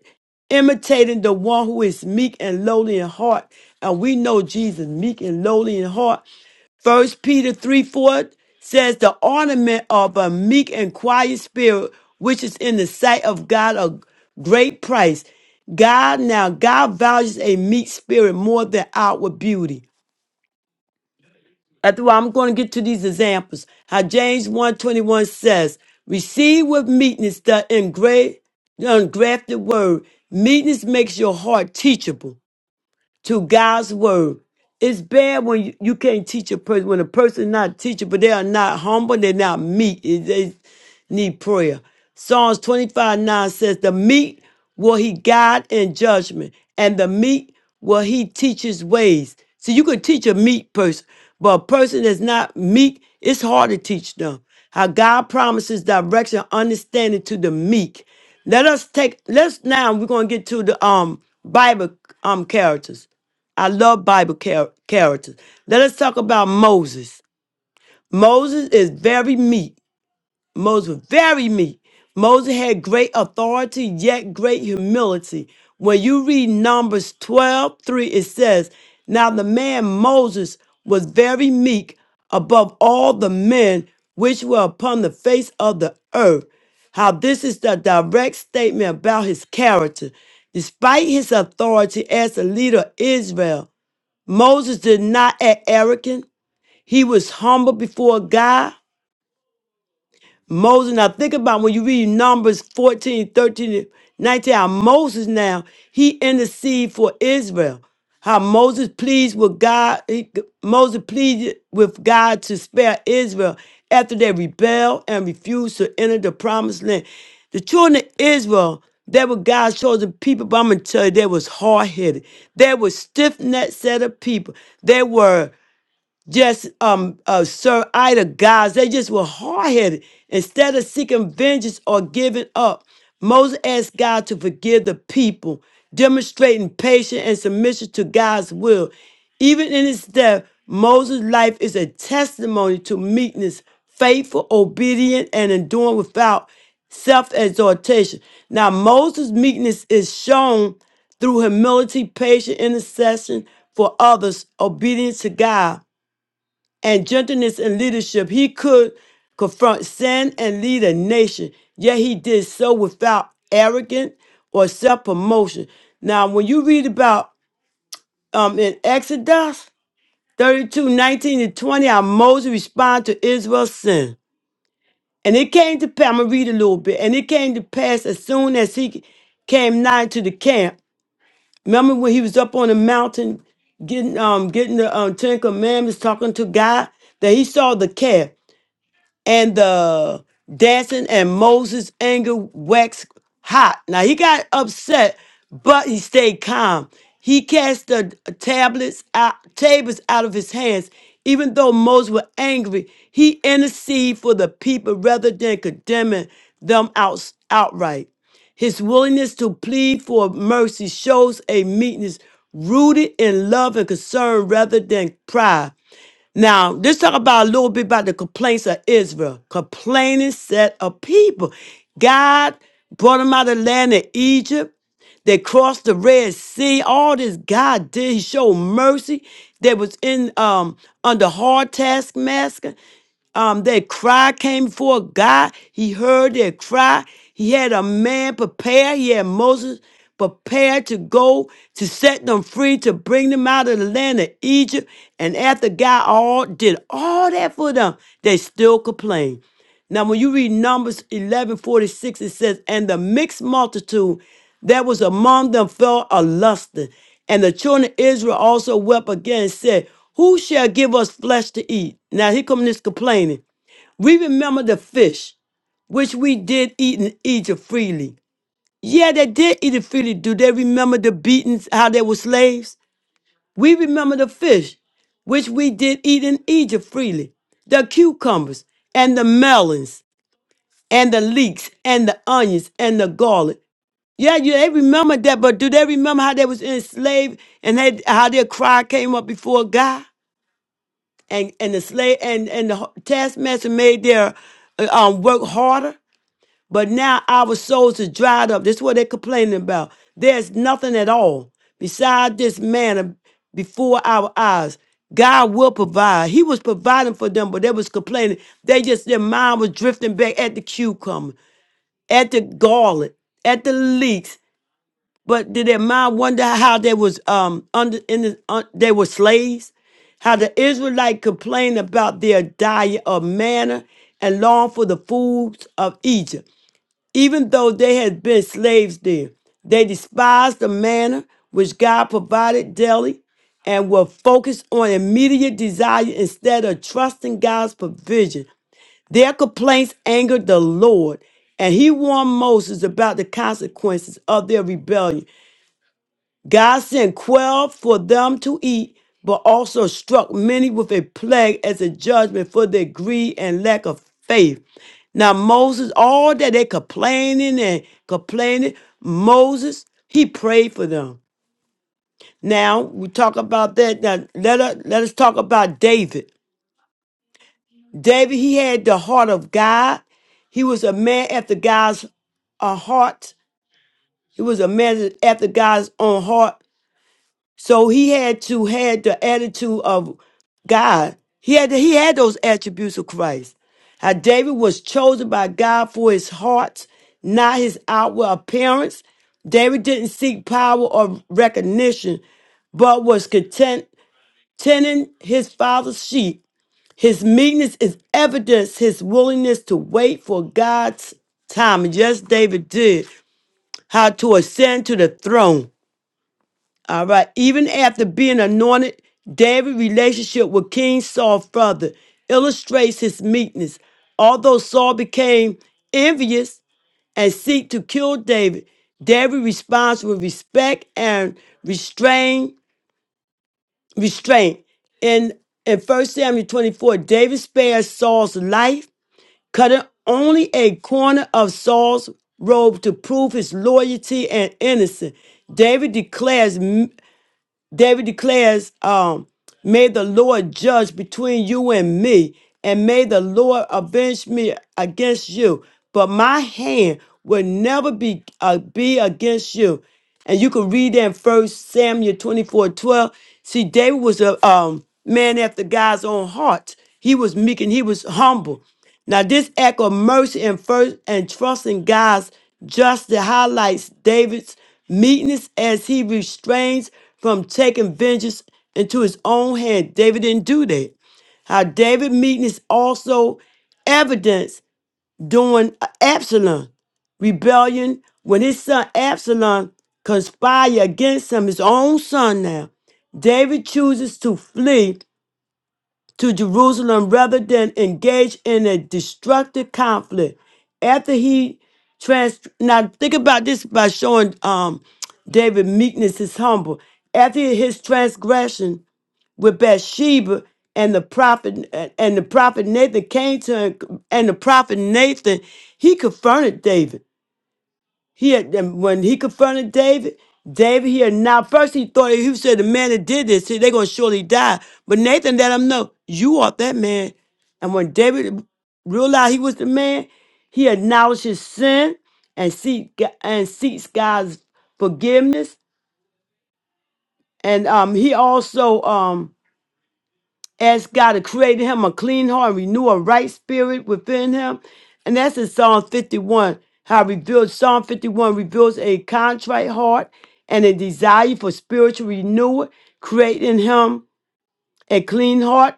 imitating the one who is meek and lowly in heart. And we know Jesus, meek and lowly in heart. First Peter 3 4 says, The ornament of a meek and quiet spirit, which is in the sight of God a great price. God now, God values a meek spirit more than outward beauty. That's why I'm going to get to these examples. How James 121 says, receive with meekness the engra- the engrafted word. Meekness makes your heart teachable to God's word. It's bad when you, you can't teach a person, when a person's not teachable, they are not humble, they're not meek, It- they need prayer. Psalms 25 9 says, The meek will he guide in judgment, and the meek will he teach his ways. So you could teach a meek person, but a person that's not meek, it's hard to teach them. How God promises direction, understanding to the meek. Let us take, let's now, we're going to get to the um Bible um characters. I love Bible char- characters. Let us talk about Moses. Moses is very meek. Moses was very meek. Moses had great authority, yet great humility. When you read Numbers 12 3, it says, Now the man Moses was very meek above all the men which were upon the face of the earth. How this is the direct statement about his character. Despite his authority as the leader of Israel, Moses did not act arrogant. He was humble before God. Moses, now think about when you read Numbers 14, 13, 19. how Moses now, he interceded for Israel. How Moses pleased with God, he, Moses pleaded with God to spare Israel after they rebelled and refused to enter the promised land. The children of Israel, they were God's chosen people, but I'm gonna tell you, they was hard-headed. They were stiff-necked set of people. They were just um uh, serve idol gods. They just were hard headed. Instead of seeking vengeance or giving up, Moses asked God to forgive the people, demonstrating patience and submission to God's will. Even in his death, Moses' life is a testimony to meekness, faithful, obedient, and enduring without self exhortation. Now, Moses' meekness is shown through humility, patient intercession for others, obedience to God and gentleness in leadership, he could confront sin and lead a nation. Yet he did so without arrogance or self promotion. Now, when you read about um, in Exodus 32 19 and 20, how Moses responded to Israel's sin. And it came to pass, I'm going to read a little bit. And it came to pass as soon as he came nigh to the camp. Remember when he was up on the mountain getting um getting the um, Ten Commandments, talking to God, that he saw the calf. and the dancing and Moses' anger waxed hot. Now he got upset, but he stayed calm. He cast the tablets out, tables out of his hands. Even though Moses was angry, he interceded for the people rather than condemning them out, outright. His willingness to plead for mercy shows a meekness rooted in love and concern rather than pride. Now, let's talk about a little bit about the complaints of Israel. Complaining set of people. God brought them out of the land of Egypt. They crossed the Red Sea. All this God did. He showed mercy. They was in um under hard taskmaster um, their cry came before God. He heard their cry. He had a man prepare. He had Moses prepared to go to set them free, to bring them out of the land of Egypt. And after God all did all that for them, they still complained. Now, when you read Numbers eleven forty six, it says, And the mixed multitude that was among them fell a lusting. And the children of Israel also wept again and said, Who shall give us flesh to eat? Now, here comes this complaining. We remember the fish, which we did eat in Egypt freely. Yeah, they did eat it freely. Do they remember the beatings, how they were slaves? We remember the fish, which we did eat in Egypt freely, the cucumbers and the melons and the leeks and the onions and the garlic. Yeah, you they remember that, but do they remember how they was enslaved and they, how their cry came up before God and and the slave and and the taskmaster made their uh, um work harder. But now our souls are dried up. That's what they're complaining about. There's nothing at all beside this manna before our eyes. God will provide. He was providing for them, but they was complaining. They just their mind was drifting back at the cucumber at the garlic, at the leeks. But did their mind wonder how they was um under in the, un, they were slaves? How the Israelite complained about their diet of manna and longed for the foods of Egypt, even though they had been slaves there. They despised the manna which God provided daily and were focused on immediate desire instead of trusting God's provision their complaints angered the Lord, and he warned Moses about the consequences of their rebellion. God sent quail for them to eat, but also struck many with a plague as a judgment for their greed and lack of faith. Now, Moses, all that they complaining and complaining, Moses, he prayed for them. Now, we talk about that. Now, let us, let us talk about David. David, he had the heart of God. He was a man after God's uh, heart. He was a man after God's own heart. So he had to had the attitude of God. He had he had those attributes of Christ. How David was chosen by God for his heart, not his outward appearance. David didn't seek power or recognition, but was content tending his father's sheep his meekness is evidence, his willingness to wait for God's time. And yes, David did, how to ascend to the throne. All right. Even after being anointed, David's relationship with King Saul further illustrates his meekness. Although Saul became envious and seek to kill David, David responds with respect and restrain, restraint. In in First Samuel 24, David spares Saul's life cutting only a corner of Saul's robe to prove his loyalty and innocence. David declares David declares, um, May the Lord judge between you and me, and may the Lord avenge me against you. But my hand will never be, uh, be against you. And you can read that in 1 Samuel 24:12. See, David was a um, man after God's own heart. He was meek and he was humble. Now, this act of mercy and first and trusting God's justice highlights David's meekness as he restrains from taking vengeance into his own hand. David didn't do that. How David meekness also evidenced during Absalom rebellion when his son Absalom conspired against him, his own son now. David chooses to flee to Jerusalem rather than engage in a destructive conflict. After he trans now think about this by showing um David meekness is humble. After his transgression with Bathsheba and the prophet and the prophet Nathan came to him and the prophet Nathan he confronted David he had and when he confronted David, David here now first he thought he said the man that did this, see, they're gonna surely die. But Nathan let him know, you are that man. And when David realized he was the man, he acknowledged his sin and seek and seeks God's forgiveness. And um he also um Ask God to create in him a clean heart, renew a right spirit within him. And that's in Psalm 51. How it reveals Psalm 51 reveals a contrite heart and a desire for spiritual renewal, create in him a clean heart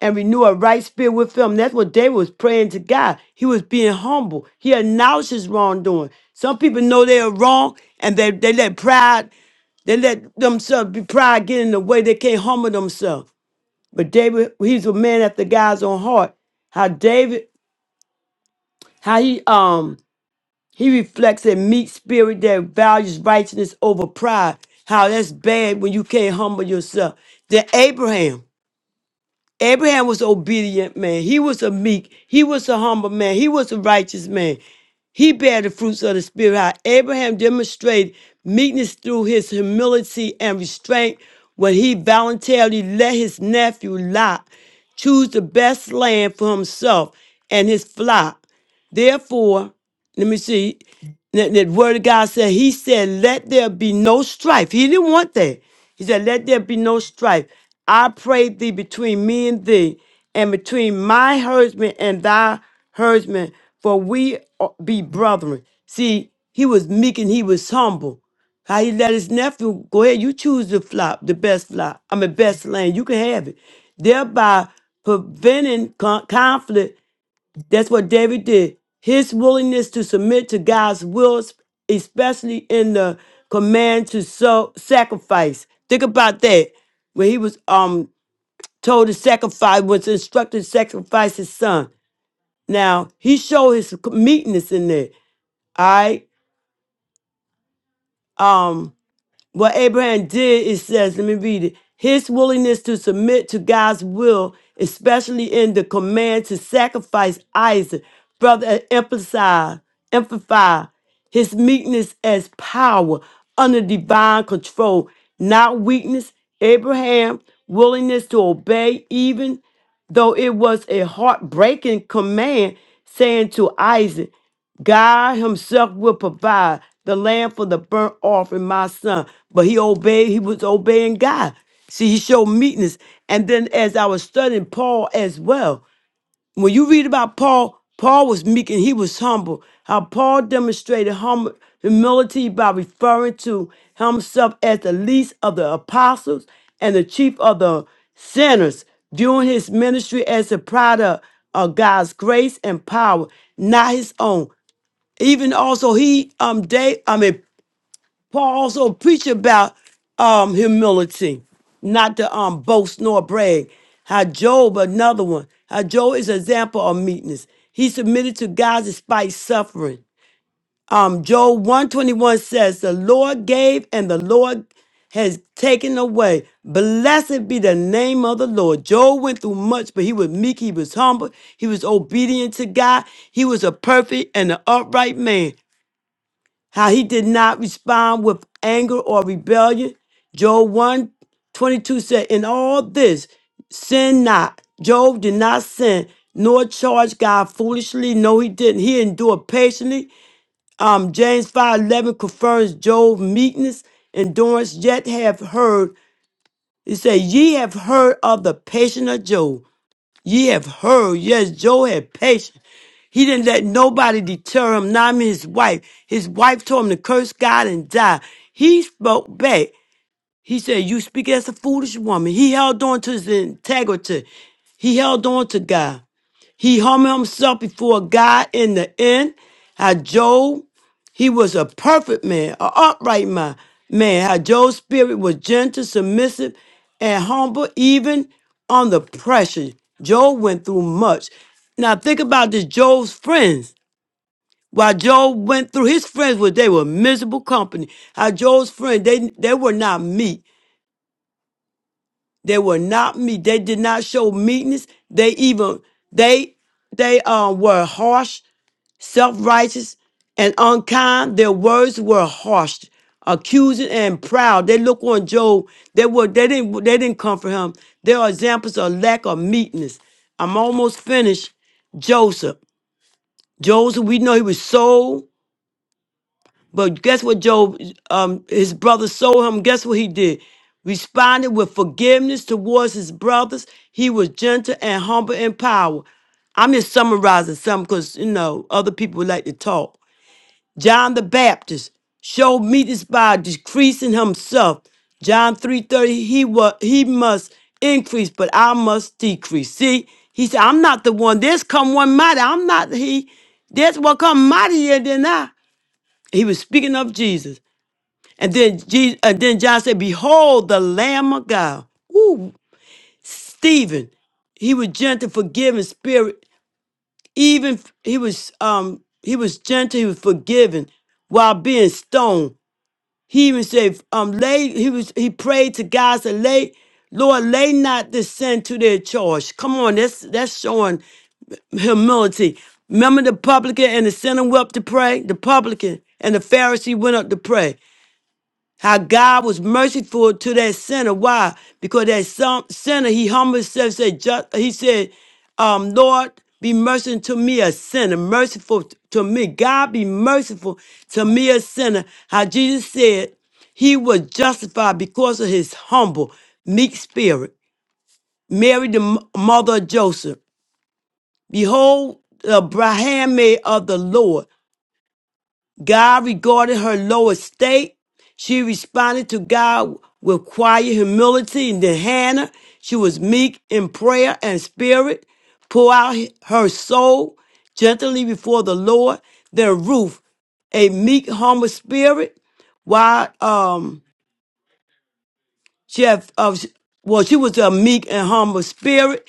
and renew a right spirit with him. That's what David was praying to God. He was being humble. He announced his wrongdoing. Some people know they are wrong and they, they let pride, they let themselves be pride get in the way. They can't humble themselves. But David, he's a man after God's own heart. How David, how he um he reflects a meek spirit that values righteousness over pride. How that's bad when you can't humble yourself. Then Abraham. Abraham was obedient man. He was a meek. He was a humble man. He was a righteous man. He bare the fruits of the spirit. How Abraham demonstrated meekness through his humility and restraint when he voluntarily let his nephew Lot choose the best land for himself and his flock. Therefore, let me see. That the word of God said, He said, let there be no strife. He didn't want that. He said, let there be no strife. I pray thee between me and thee, and between my herdsman and thy herdsman, for we are- be brethren. See, he was meek and he was humble. How he let his nephew go ahead, you choose the flop, the best flop. I mean, best land, you can have it. Thereby preventing con- conflict that's what David did. His willingness to submit to God's will, especially in the command to so sacrifice. Think about that. When he was um told to sacrifice, was instructed to sacrifice his son. Now he showed his meekness in there. All right. um. What Abraham did, it says, let me read it. His willingness to submit to God's will, especially in the command to sacrifice Isaac, brother emphasize, emphasize his meekness as power under divine control, not weakness. Abraham's willingness to obey, even though it was a heartbreaking command, saying to Isaac. God Himself will provide the lamb for the burnt offering, my son. But he obeyed, he was obeying God. See, he showed meekness. And then as I was studying Paul as well, when you read about Paul, Paul was meek and he was humble. How Paul demonstrated hum- humility by referring to himself as the least of the apostles and the chief of the sinners, viewing his ministry as a product of God's grace and power, not his own. Even also he um Dave I mean Paul also preached about um humility, not to um boast nor brag. How Job, another one, how Job is an example of meekness. He submitted to God despite suffering. Um Job 121 says, The Lord gave and the Lord has taken away. Blessed be the name of the Lord. Job went through much, but he was meek, he was humble, he was obedient to God, he was a perfect and an upright man how he did not respond with anger or rebellion. Job one 22 said, In all this, sin not. Job did not sin, nor charge God foolishly. No, he didn't. He endured patiently. Um, James 5 11 confirms Job's meekness, endurance, yet have heard. He said, Ye have heard of the patience of Job Ye have heard, yes, Joe had patience. He didn't let nobody deter him, not even his wife. His wife told him to curse God and die. He spoke back. He said, You speak as a foolish woman. He held on to his integrity. He held on to God. He humbled himself before God in the end. How Job, he was a perfect man, an upright man. Man, how Job's spirit was gentle, submissive, and humble, even under pressure. Job went through much. Now think about this Job's friends. While Job went through his friends were they were miserable company. How Job's friends, they they were not meek. They were not meek. They did not show meekness. They even they they um were harsh self righteous, and unkind. Their words were harsh, accusing, and proud. They look on Job. They were they didn't they didn't comfort him. There are examples of lack of meekness. I'm almost finished. Joseph. Joseph, we know he was sold, but guess what Job um his brother sold him. Guess what he did? Responded with forgiveness towards his brothers. He was gentle and humble in power. I'm just summarizing some because you know other people like to talk. John the Baptist showed me this by decreasing himself. John 3:30, he was he must increase, but I must decrease. See, he said, I'm not the one. There's come one mighty. I'm not he. There's one come mightier than I. He was speaking of Jesus. And then Jesus, and then John said, Behold the Lamb of God. Ooh, Stephen, he was gentle, forgiving spirit. Even f- he was um he was gentle, he was forgiving while being stoned. He even said, um, lay, he was he prayed to God, said, lay, Lord, lay not this sin to their charge. Come on, that's that's showing humility. Remember the publican and the sinner went up to pray? The publican and the Pharisee went up to pray. How God was merciful to that sinner. Why? Because that some sinner, he humbled himself, said, just, he said, um, Lord, be merciful to me, a sinner, merciful t- to me. God be merciful to me, a sinner. How Jesus said, he was justified because of his humble, meek spirit. Mary, the m- mother of Joseph. Behold, the handmaid of the Lord. God regarded her low estate. She responded to God with quiet humility. And then Hannah, she was meek in prayer and spirit, pour out her soul gently before the Lord. Then Ruth, a meek, humble spirit, while um, she had, uh, well, she was a meek and humble spirit.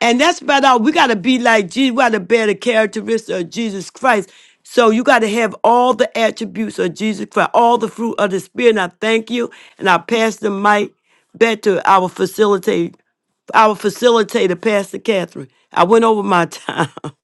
And that's about all. We got to be like Jesus. We got to bear the characteristics of Jesus Christ. So you got to have all the attributes of Jesus Christ, all the fruit of the Spirit. And I thank you. And I pass the mic back to our facilitator, our facilitator, Pastor Catherine. I went over my time. (laughs)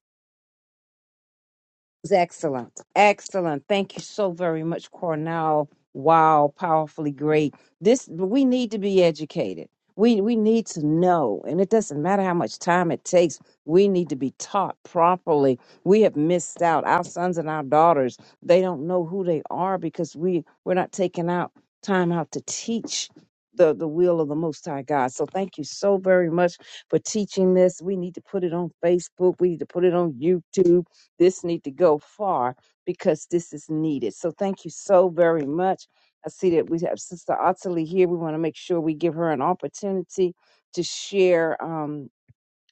was excellent. Excellent. Thank you so very much, Cornell. Wow, powerfully great. This we need to be educated. We we need to know. And it doesn't matter how much time it takes. We need to be taught properly. We have missed out. Our sons and our daughters, they don't know who they are because we we're not taking out time out to teach the, the will of the most high God. So thank you so very much for teaching this. We need to put it on Facebook. We need to put it on YouTube this need to go far because this is needed. So thank you so very much. I see that we have Sister Ottilie here. We want to make sure we give her an opportunity to share um,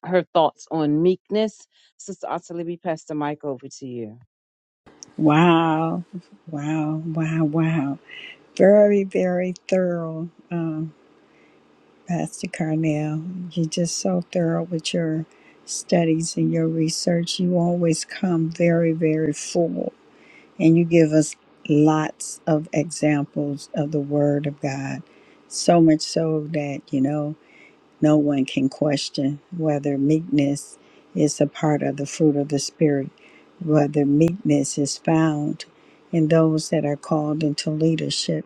her thoughts on meekness. Sister Ottilie, we pass the mic over to you. Wow, wow, wow, wow. Very, very thorough, um, Pastor Carnell. You're just so thorough with your studies and your research. You always come very, very full, and you give us lots of examples of the Word of God. So much so that, you know. No one can question whether meekness is a part of the fruit of the Spirit, whether meekness is found in those that are called into leadership.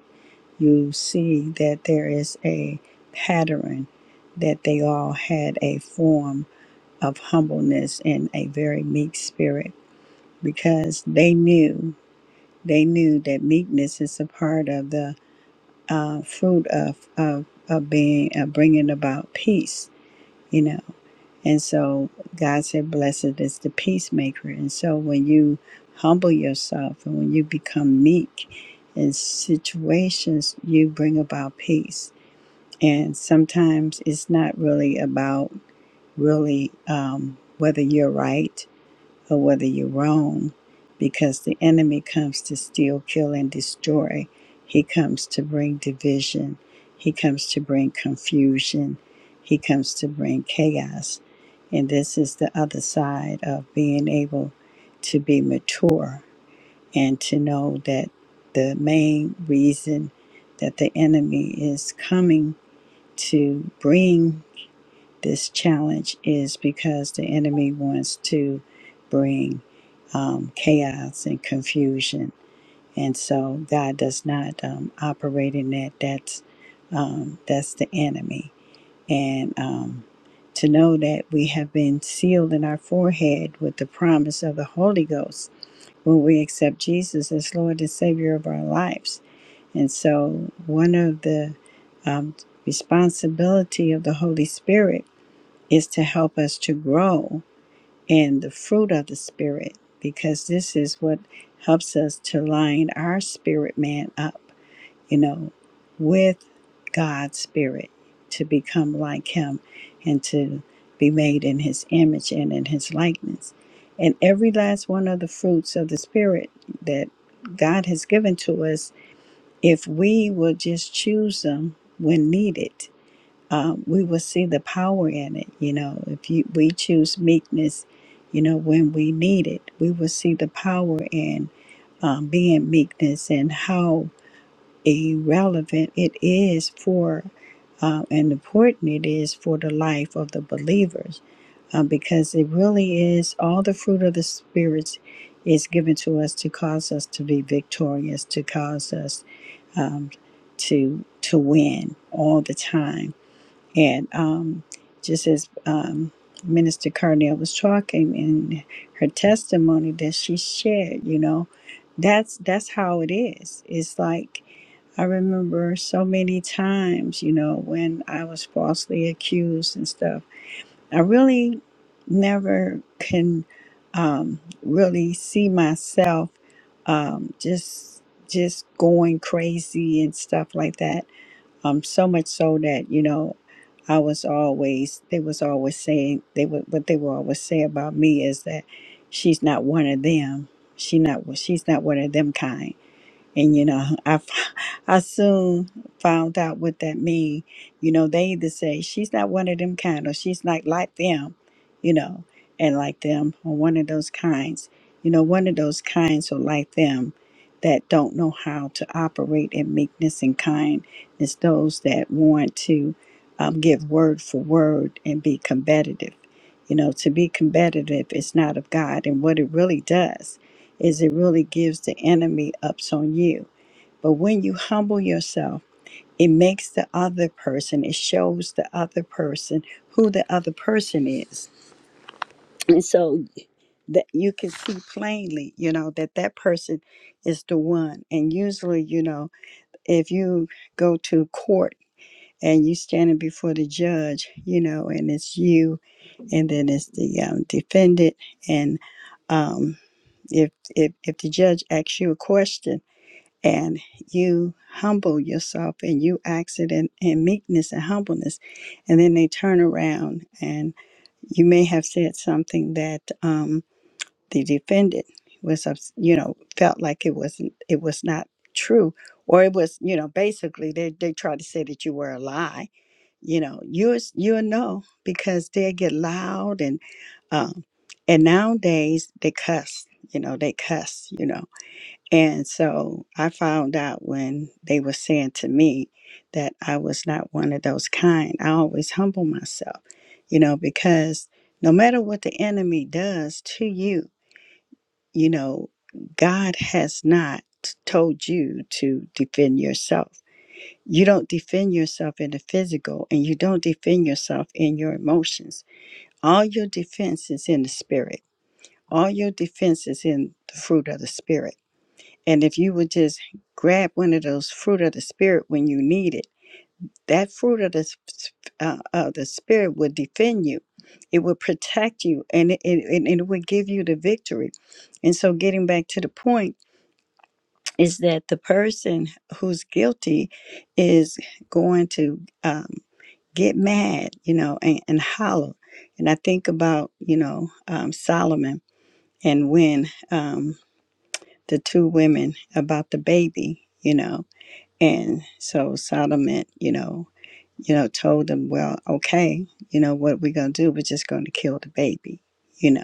You see that there is a pattern that they all had a form of humbleness and a very meek spirit because they knew they knew that meekness is a part of the uh, fruit of, of of being of bringing about peace. You know. And so God said, Blessed is the peacemaker. And so when you humble yourself and when you become meek in situations, you bring about peace. And sometimes it's not really about really um, whether you're right or whether you're wrong, because the enemy comes to steal, kill, and destroy. He comes to bring division, he comes to bring confusion, he comes to bring chaos. And this is the other side of being able to be mature and to know that the main reason that the enemy is coming to bring this challenge is because the enemy wants to bring um, chaos and confusion, and so God does not um, operate in that. That's um, that's the enemy, and um, to know that we have been sealed in our forehead with the promise of the Holy Ghost when we accept Jesus as Lord and Savior of our lives, and so one of the um, responsibility of the Holy Spirit is to help us to grow in the fruit of the Spirit because this is what helps us to line our spirit man up, you know, with God's Spirit to become like Him and to be made in His image and in His likeness. And every last one of the fruits of the Spirit that God has given to us, if we will just choose them when needed um, we will see the power in it. You know, if you, we choose meekness, you know, when we need it, we will see the power in um, being meekness and how irrelevant it is for uh, and important it is for the life of the believers uh, because it really is all the fruit of the spirits is given to us to cause us to be victorious, to cause us um, to to win all the time and um, just as um, Minister Carnell was talking in her testimony that she shared, you know, that's that's how it is. It's like I remember so many times, you know, when I was falsely accused and stuff. I really never can um, really see myself um, just just going crazy and stuff like that um, so much so that you know, I was always they was always saying they would what they would always say about me is that she's not one of them. She not she's not one of them kind and you know, I, f- (laughs) I soon found out what that mean. You know, they either say she's not one of them kind, or she's not like them, you know, and like them, or one of those kinds. You know, one of those kinds or like them that don't know how to operate in meekness and kindness. Those that want to um, give word for word and be combative. You know, to be combative is not of God, and what it really does is it really gives the enemy ups on you. But when you humble yourself, it makes the other person, it shows the other person who the other person is. And so that you can see plainly, you know, that that person is the one. And usually, you know, if you go to court and you standing before the judge, you know, and it's you, and then it's the um, defendant, and um, if if if the judge asks you a question, and you humble yourself and you ask it in, in meekness and humbleness and then they turn around and you may have said something that um, the defendant was ups- you know felt like it wasn't it was not true or it was you know basically they they try to say that you were a lie you know you you will know because they get loud and um, and nowadays they cuss you know they cuss you know and so I found out when they were saying to me that I was not one of those kind. I always humble myself, you know, because no matter what the enemy does to you, you know, God has not told you to defend yourself. You don't defend yourself in the physical and you don't defend yourself in your emotions. All your defense is in the spirit. All your defense is in the fruit of the spirit. And if you would just grab one of those fruit of the spirit when you need it, that fruit of the s- s- uh, uh, the spirit would defend you. It would protect you, and it, it and it would give you the victory. And so, getting back to the point is that the person who's guilty is going to um, get mad, you know, and, and holler. And I think about you know um, Solomon and when um, the two women about the baby, you know And so Solomon, you know, you know, told them, well, okay, you know, what we're going to do, we're just going to kill the baby, you know.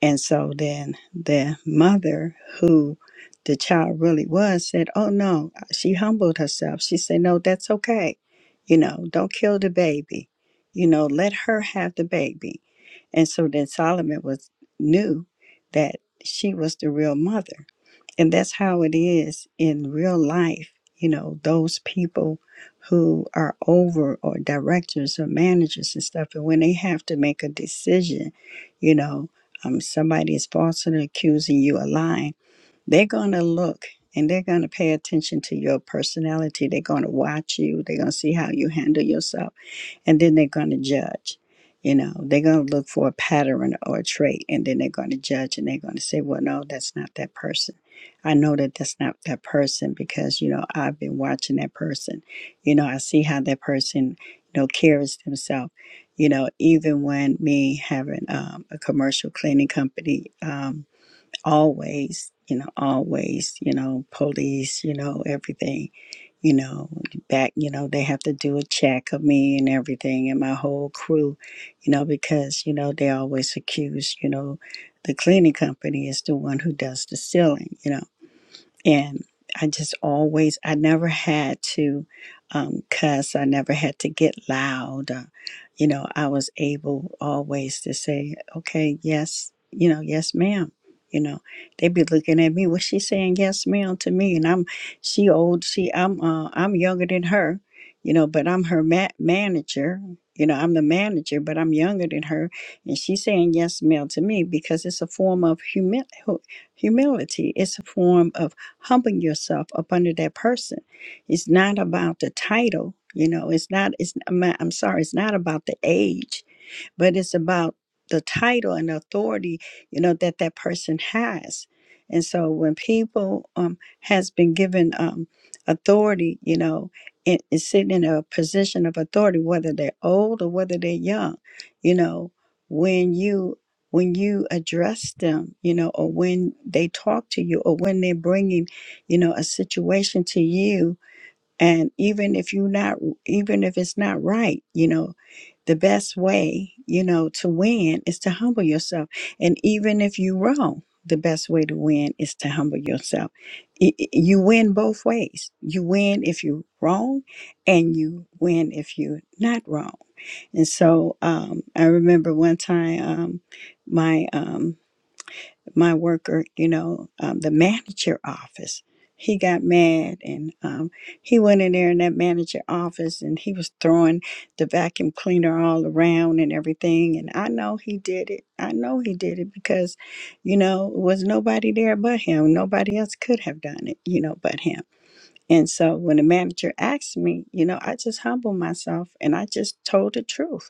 And so then the mother, who the child really was, said, oh, no, she humbled herself. She said, no, that's okay. You know, don't kill the baby. You know, let her have the baby. And so then Solomon was knew that she was the real mother and that's how it is in real life. You know, those people who are over or directors or managers and stuff, and when they have to make a decision, you know, um, somebody is falsely accusing you of lying they're going to look and they're going to pay attention to your personality. They're going to watch you. They're going to see how you handle yourself. And then they're going to judge. You know, they're going to look for a pattern or a trait and then they're going to judge and they're going to say, well, no, that's not that person. I know that that's not that person because, you know, I've been watching that person. You know, I see how that person, you know, carries themselves. You know, even when me having um, a commercial cleaning company, um, always, you know, always, you know, police, you know, everything, you know, back, you know, they have to do a check of me and everything and my whole crew, you know, because, you know, they always accuse, you know, the cleaning company is the one who does the stealing, you know and I just always I never had to um, cuss. I never had to get loud. Uh, you know, I was able always to say, "Okay, yes, you know, yes, ma'am." You know, they'd be looking at me. What's she saying? Yes, ma'am, to me, and I'm she old. She I'm uh, I'm younger than her. You know, but I'm her ma- manager. You know, I'm the manager, but I'm younger than her, and she's saying yes, ma'am, to me because it's a form of humi- hu- humility. It's a form of humbling yourself up under that person. It's not about the title, you know. It's not. It's. I'm I'm sorry. It's not about the age but it's about the title and authority you know that that person has and so when people um has been given um authority you know and is sitting in a position of authority whether they're old or whether they're young you know when you when you address them you know or when they talk to you or when they're bringing you know a situation to you and even if you not even if it's not right you know the best way you know to win is to humble yourself and even if you wrong the best way to win is to humble yourself I- I- you win both ways you win if you wrong and you win if you're not wrong and so um, i remember one time um, my um, my worker, you know, um, the manager office. He got mad and um, he went in there in that manager office and he was throwing the vacuum cleaner all around and everything. And I know he did it. I know he did it because, you know, it was nobody there but him. Nobody else could have done it, you know, but him. And so when the manager asked me, you know, I just humbled myself and I just told the truth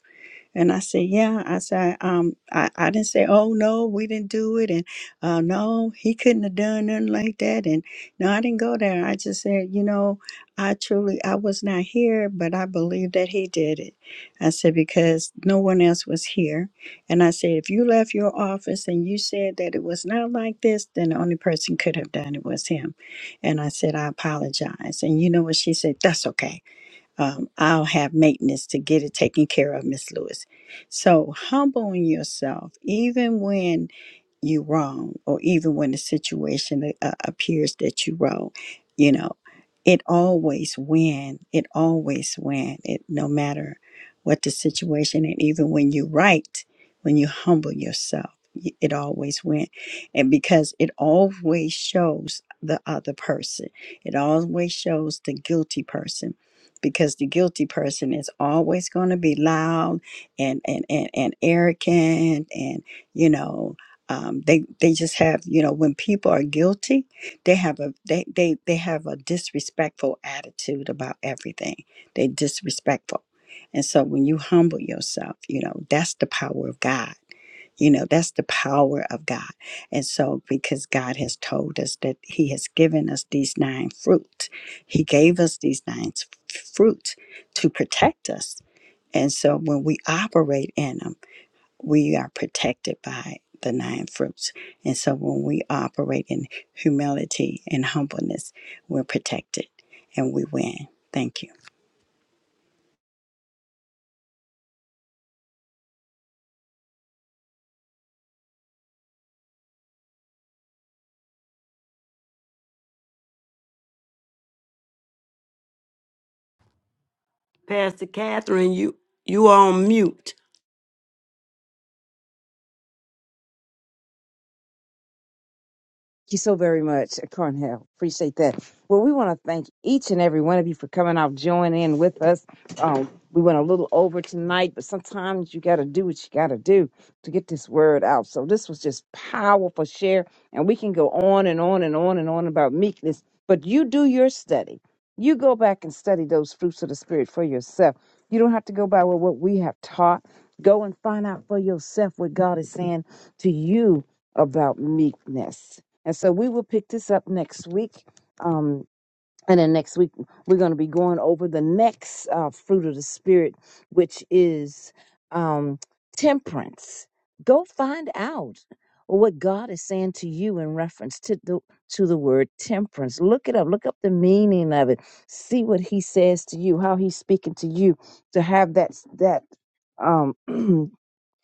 and I said, yeah. I said, um, I, I didn't say, oh no, we didn't do it, and uh, no, he couldn't have done nothing like that. And no, I didn't go there. I just said, you know, I truly, I was not here, but I believe that he did it. I said because no one else was here, and I said, if you left your office and you said that it was not like this, then the only person could have done it was him. And I said, I apologize. And you know what she said? That's okay um, I'll have maintenance to get it taken care of, Miss Lewis. So humbling yourself, even when you wrong, or even when the situation uh, appears that you wrong, you know, it always win. It always win. It no matter what the situation, and even when you right, when you humble yourself, y- it always win, and because it always shows the other person, it always shows the guilty person because the guilty person is always going to be loud and, and and and arrogant and you know um, they they just have you know when people are guilty they have a they they they have a disrespectful attitude about everything they disrespectful and so when you humble yourself you know that's the power of god you know, that's the power of God. And so, because God has told us that He has given us these nine fruits, He gave us these nine s- fruits to protect us. And so, when we operate in them, we are protected by the nine fruits. And so, when we operate in humility and humbleness, we're protected and we win. Thank you. Pastor Catherine, you you are on mute. you so very much, Cornell. Appreciate that. Well, we want to thank each and every one of you for coming out, joining in with us. Um, we went a little over tonight, but sometimes you got to do what you got to do to get this word out. So this was just powerful share, and we can go on and on and on and on about meekness. But you do your study. You go back and study those fruits of the spirit for yourself. You don't have to go by what we have taught. Go and find out for yourself what God is saying to you about meekness and so we will pick this up next week. Um, and then next week, we're going to be going over the next uh, fruit of the Spirit, which is um, temperance. Go find out what God is saying to you in reference to the to the word temperance. Look it up. Look up the meaning of it. See what He says to you, how He's speaking to you, to have that that um (clears throat)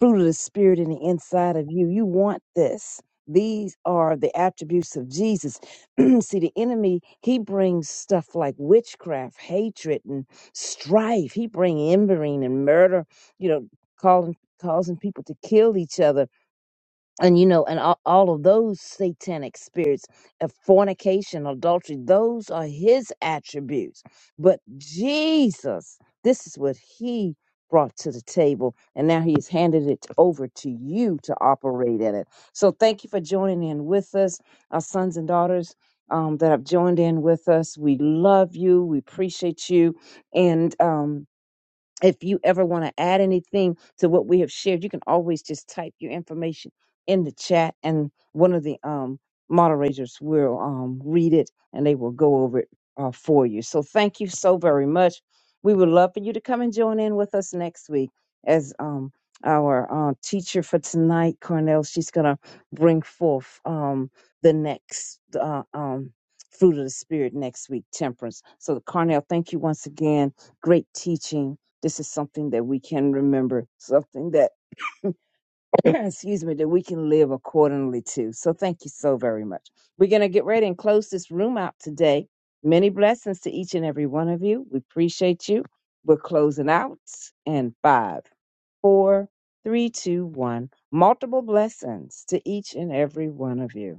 fruit of the spirit in the inside of you. You want this. These are the attributes of Jesus. (clears throat) See, the enemy, he brings stuff like witchcraft, hatred, and strife. He bring embering and murder, you know, calling causing people to kill each other and you know and all, all of those satanic spirits of fornication adultery those are his attributes but jesus this is what he brought to the table and now he has handed it over to you to operate in it so thank you for joining in with us our sons and daughters um, that have joined in with us we love you we appreciate you and um, if you ever want to add anything to what we have shared, you can always just type your information in the chat and one of the um, moderators will um, read it and they will go over it uh, for you. So thank you so very much. We would love for you to come and join in with us next week as um, our uh, teacher for tonight, Cornell, she's going to bring forth um, the next uh, um, fruit of the spirit next week, temperance. So, Cornell, thank you once again. Great teaching this is something that we can remember, something that, (clears throat) excuse me, that we can live accordingly to. So thank you so very much. We're going to get ready and close this room out today. Many blessings to each and every one of you. We appreciate you. We're closing out in five, four, three, two, one. Multiple blessings to each and every one of you.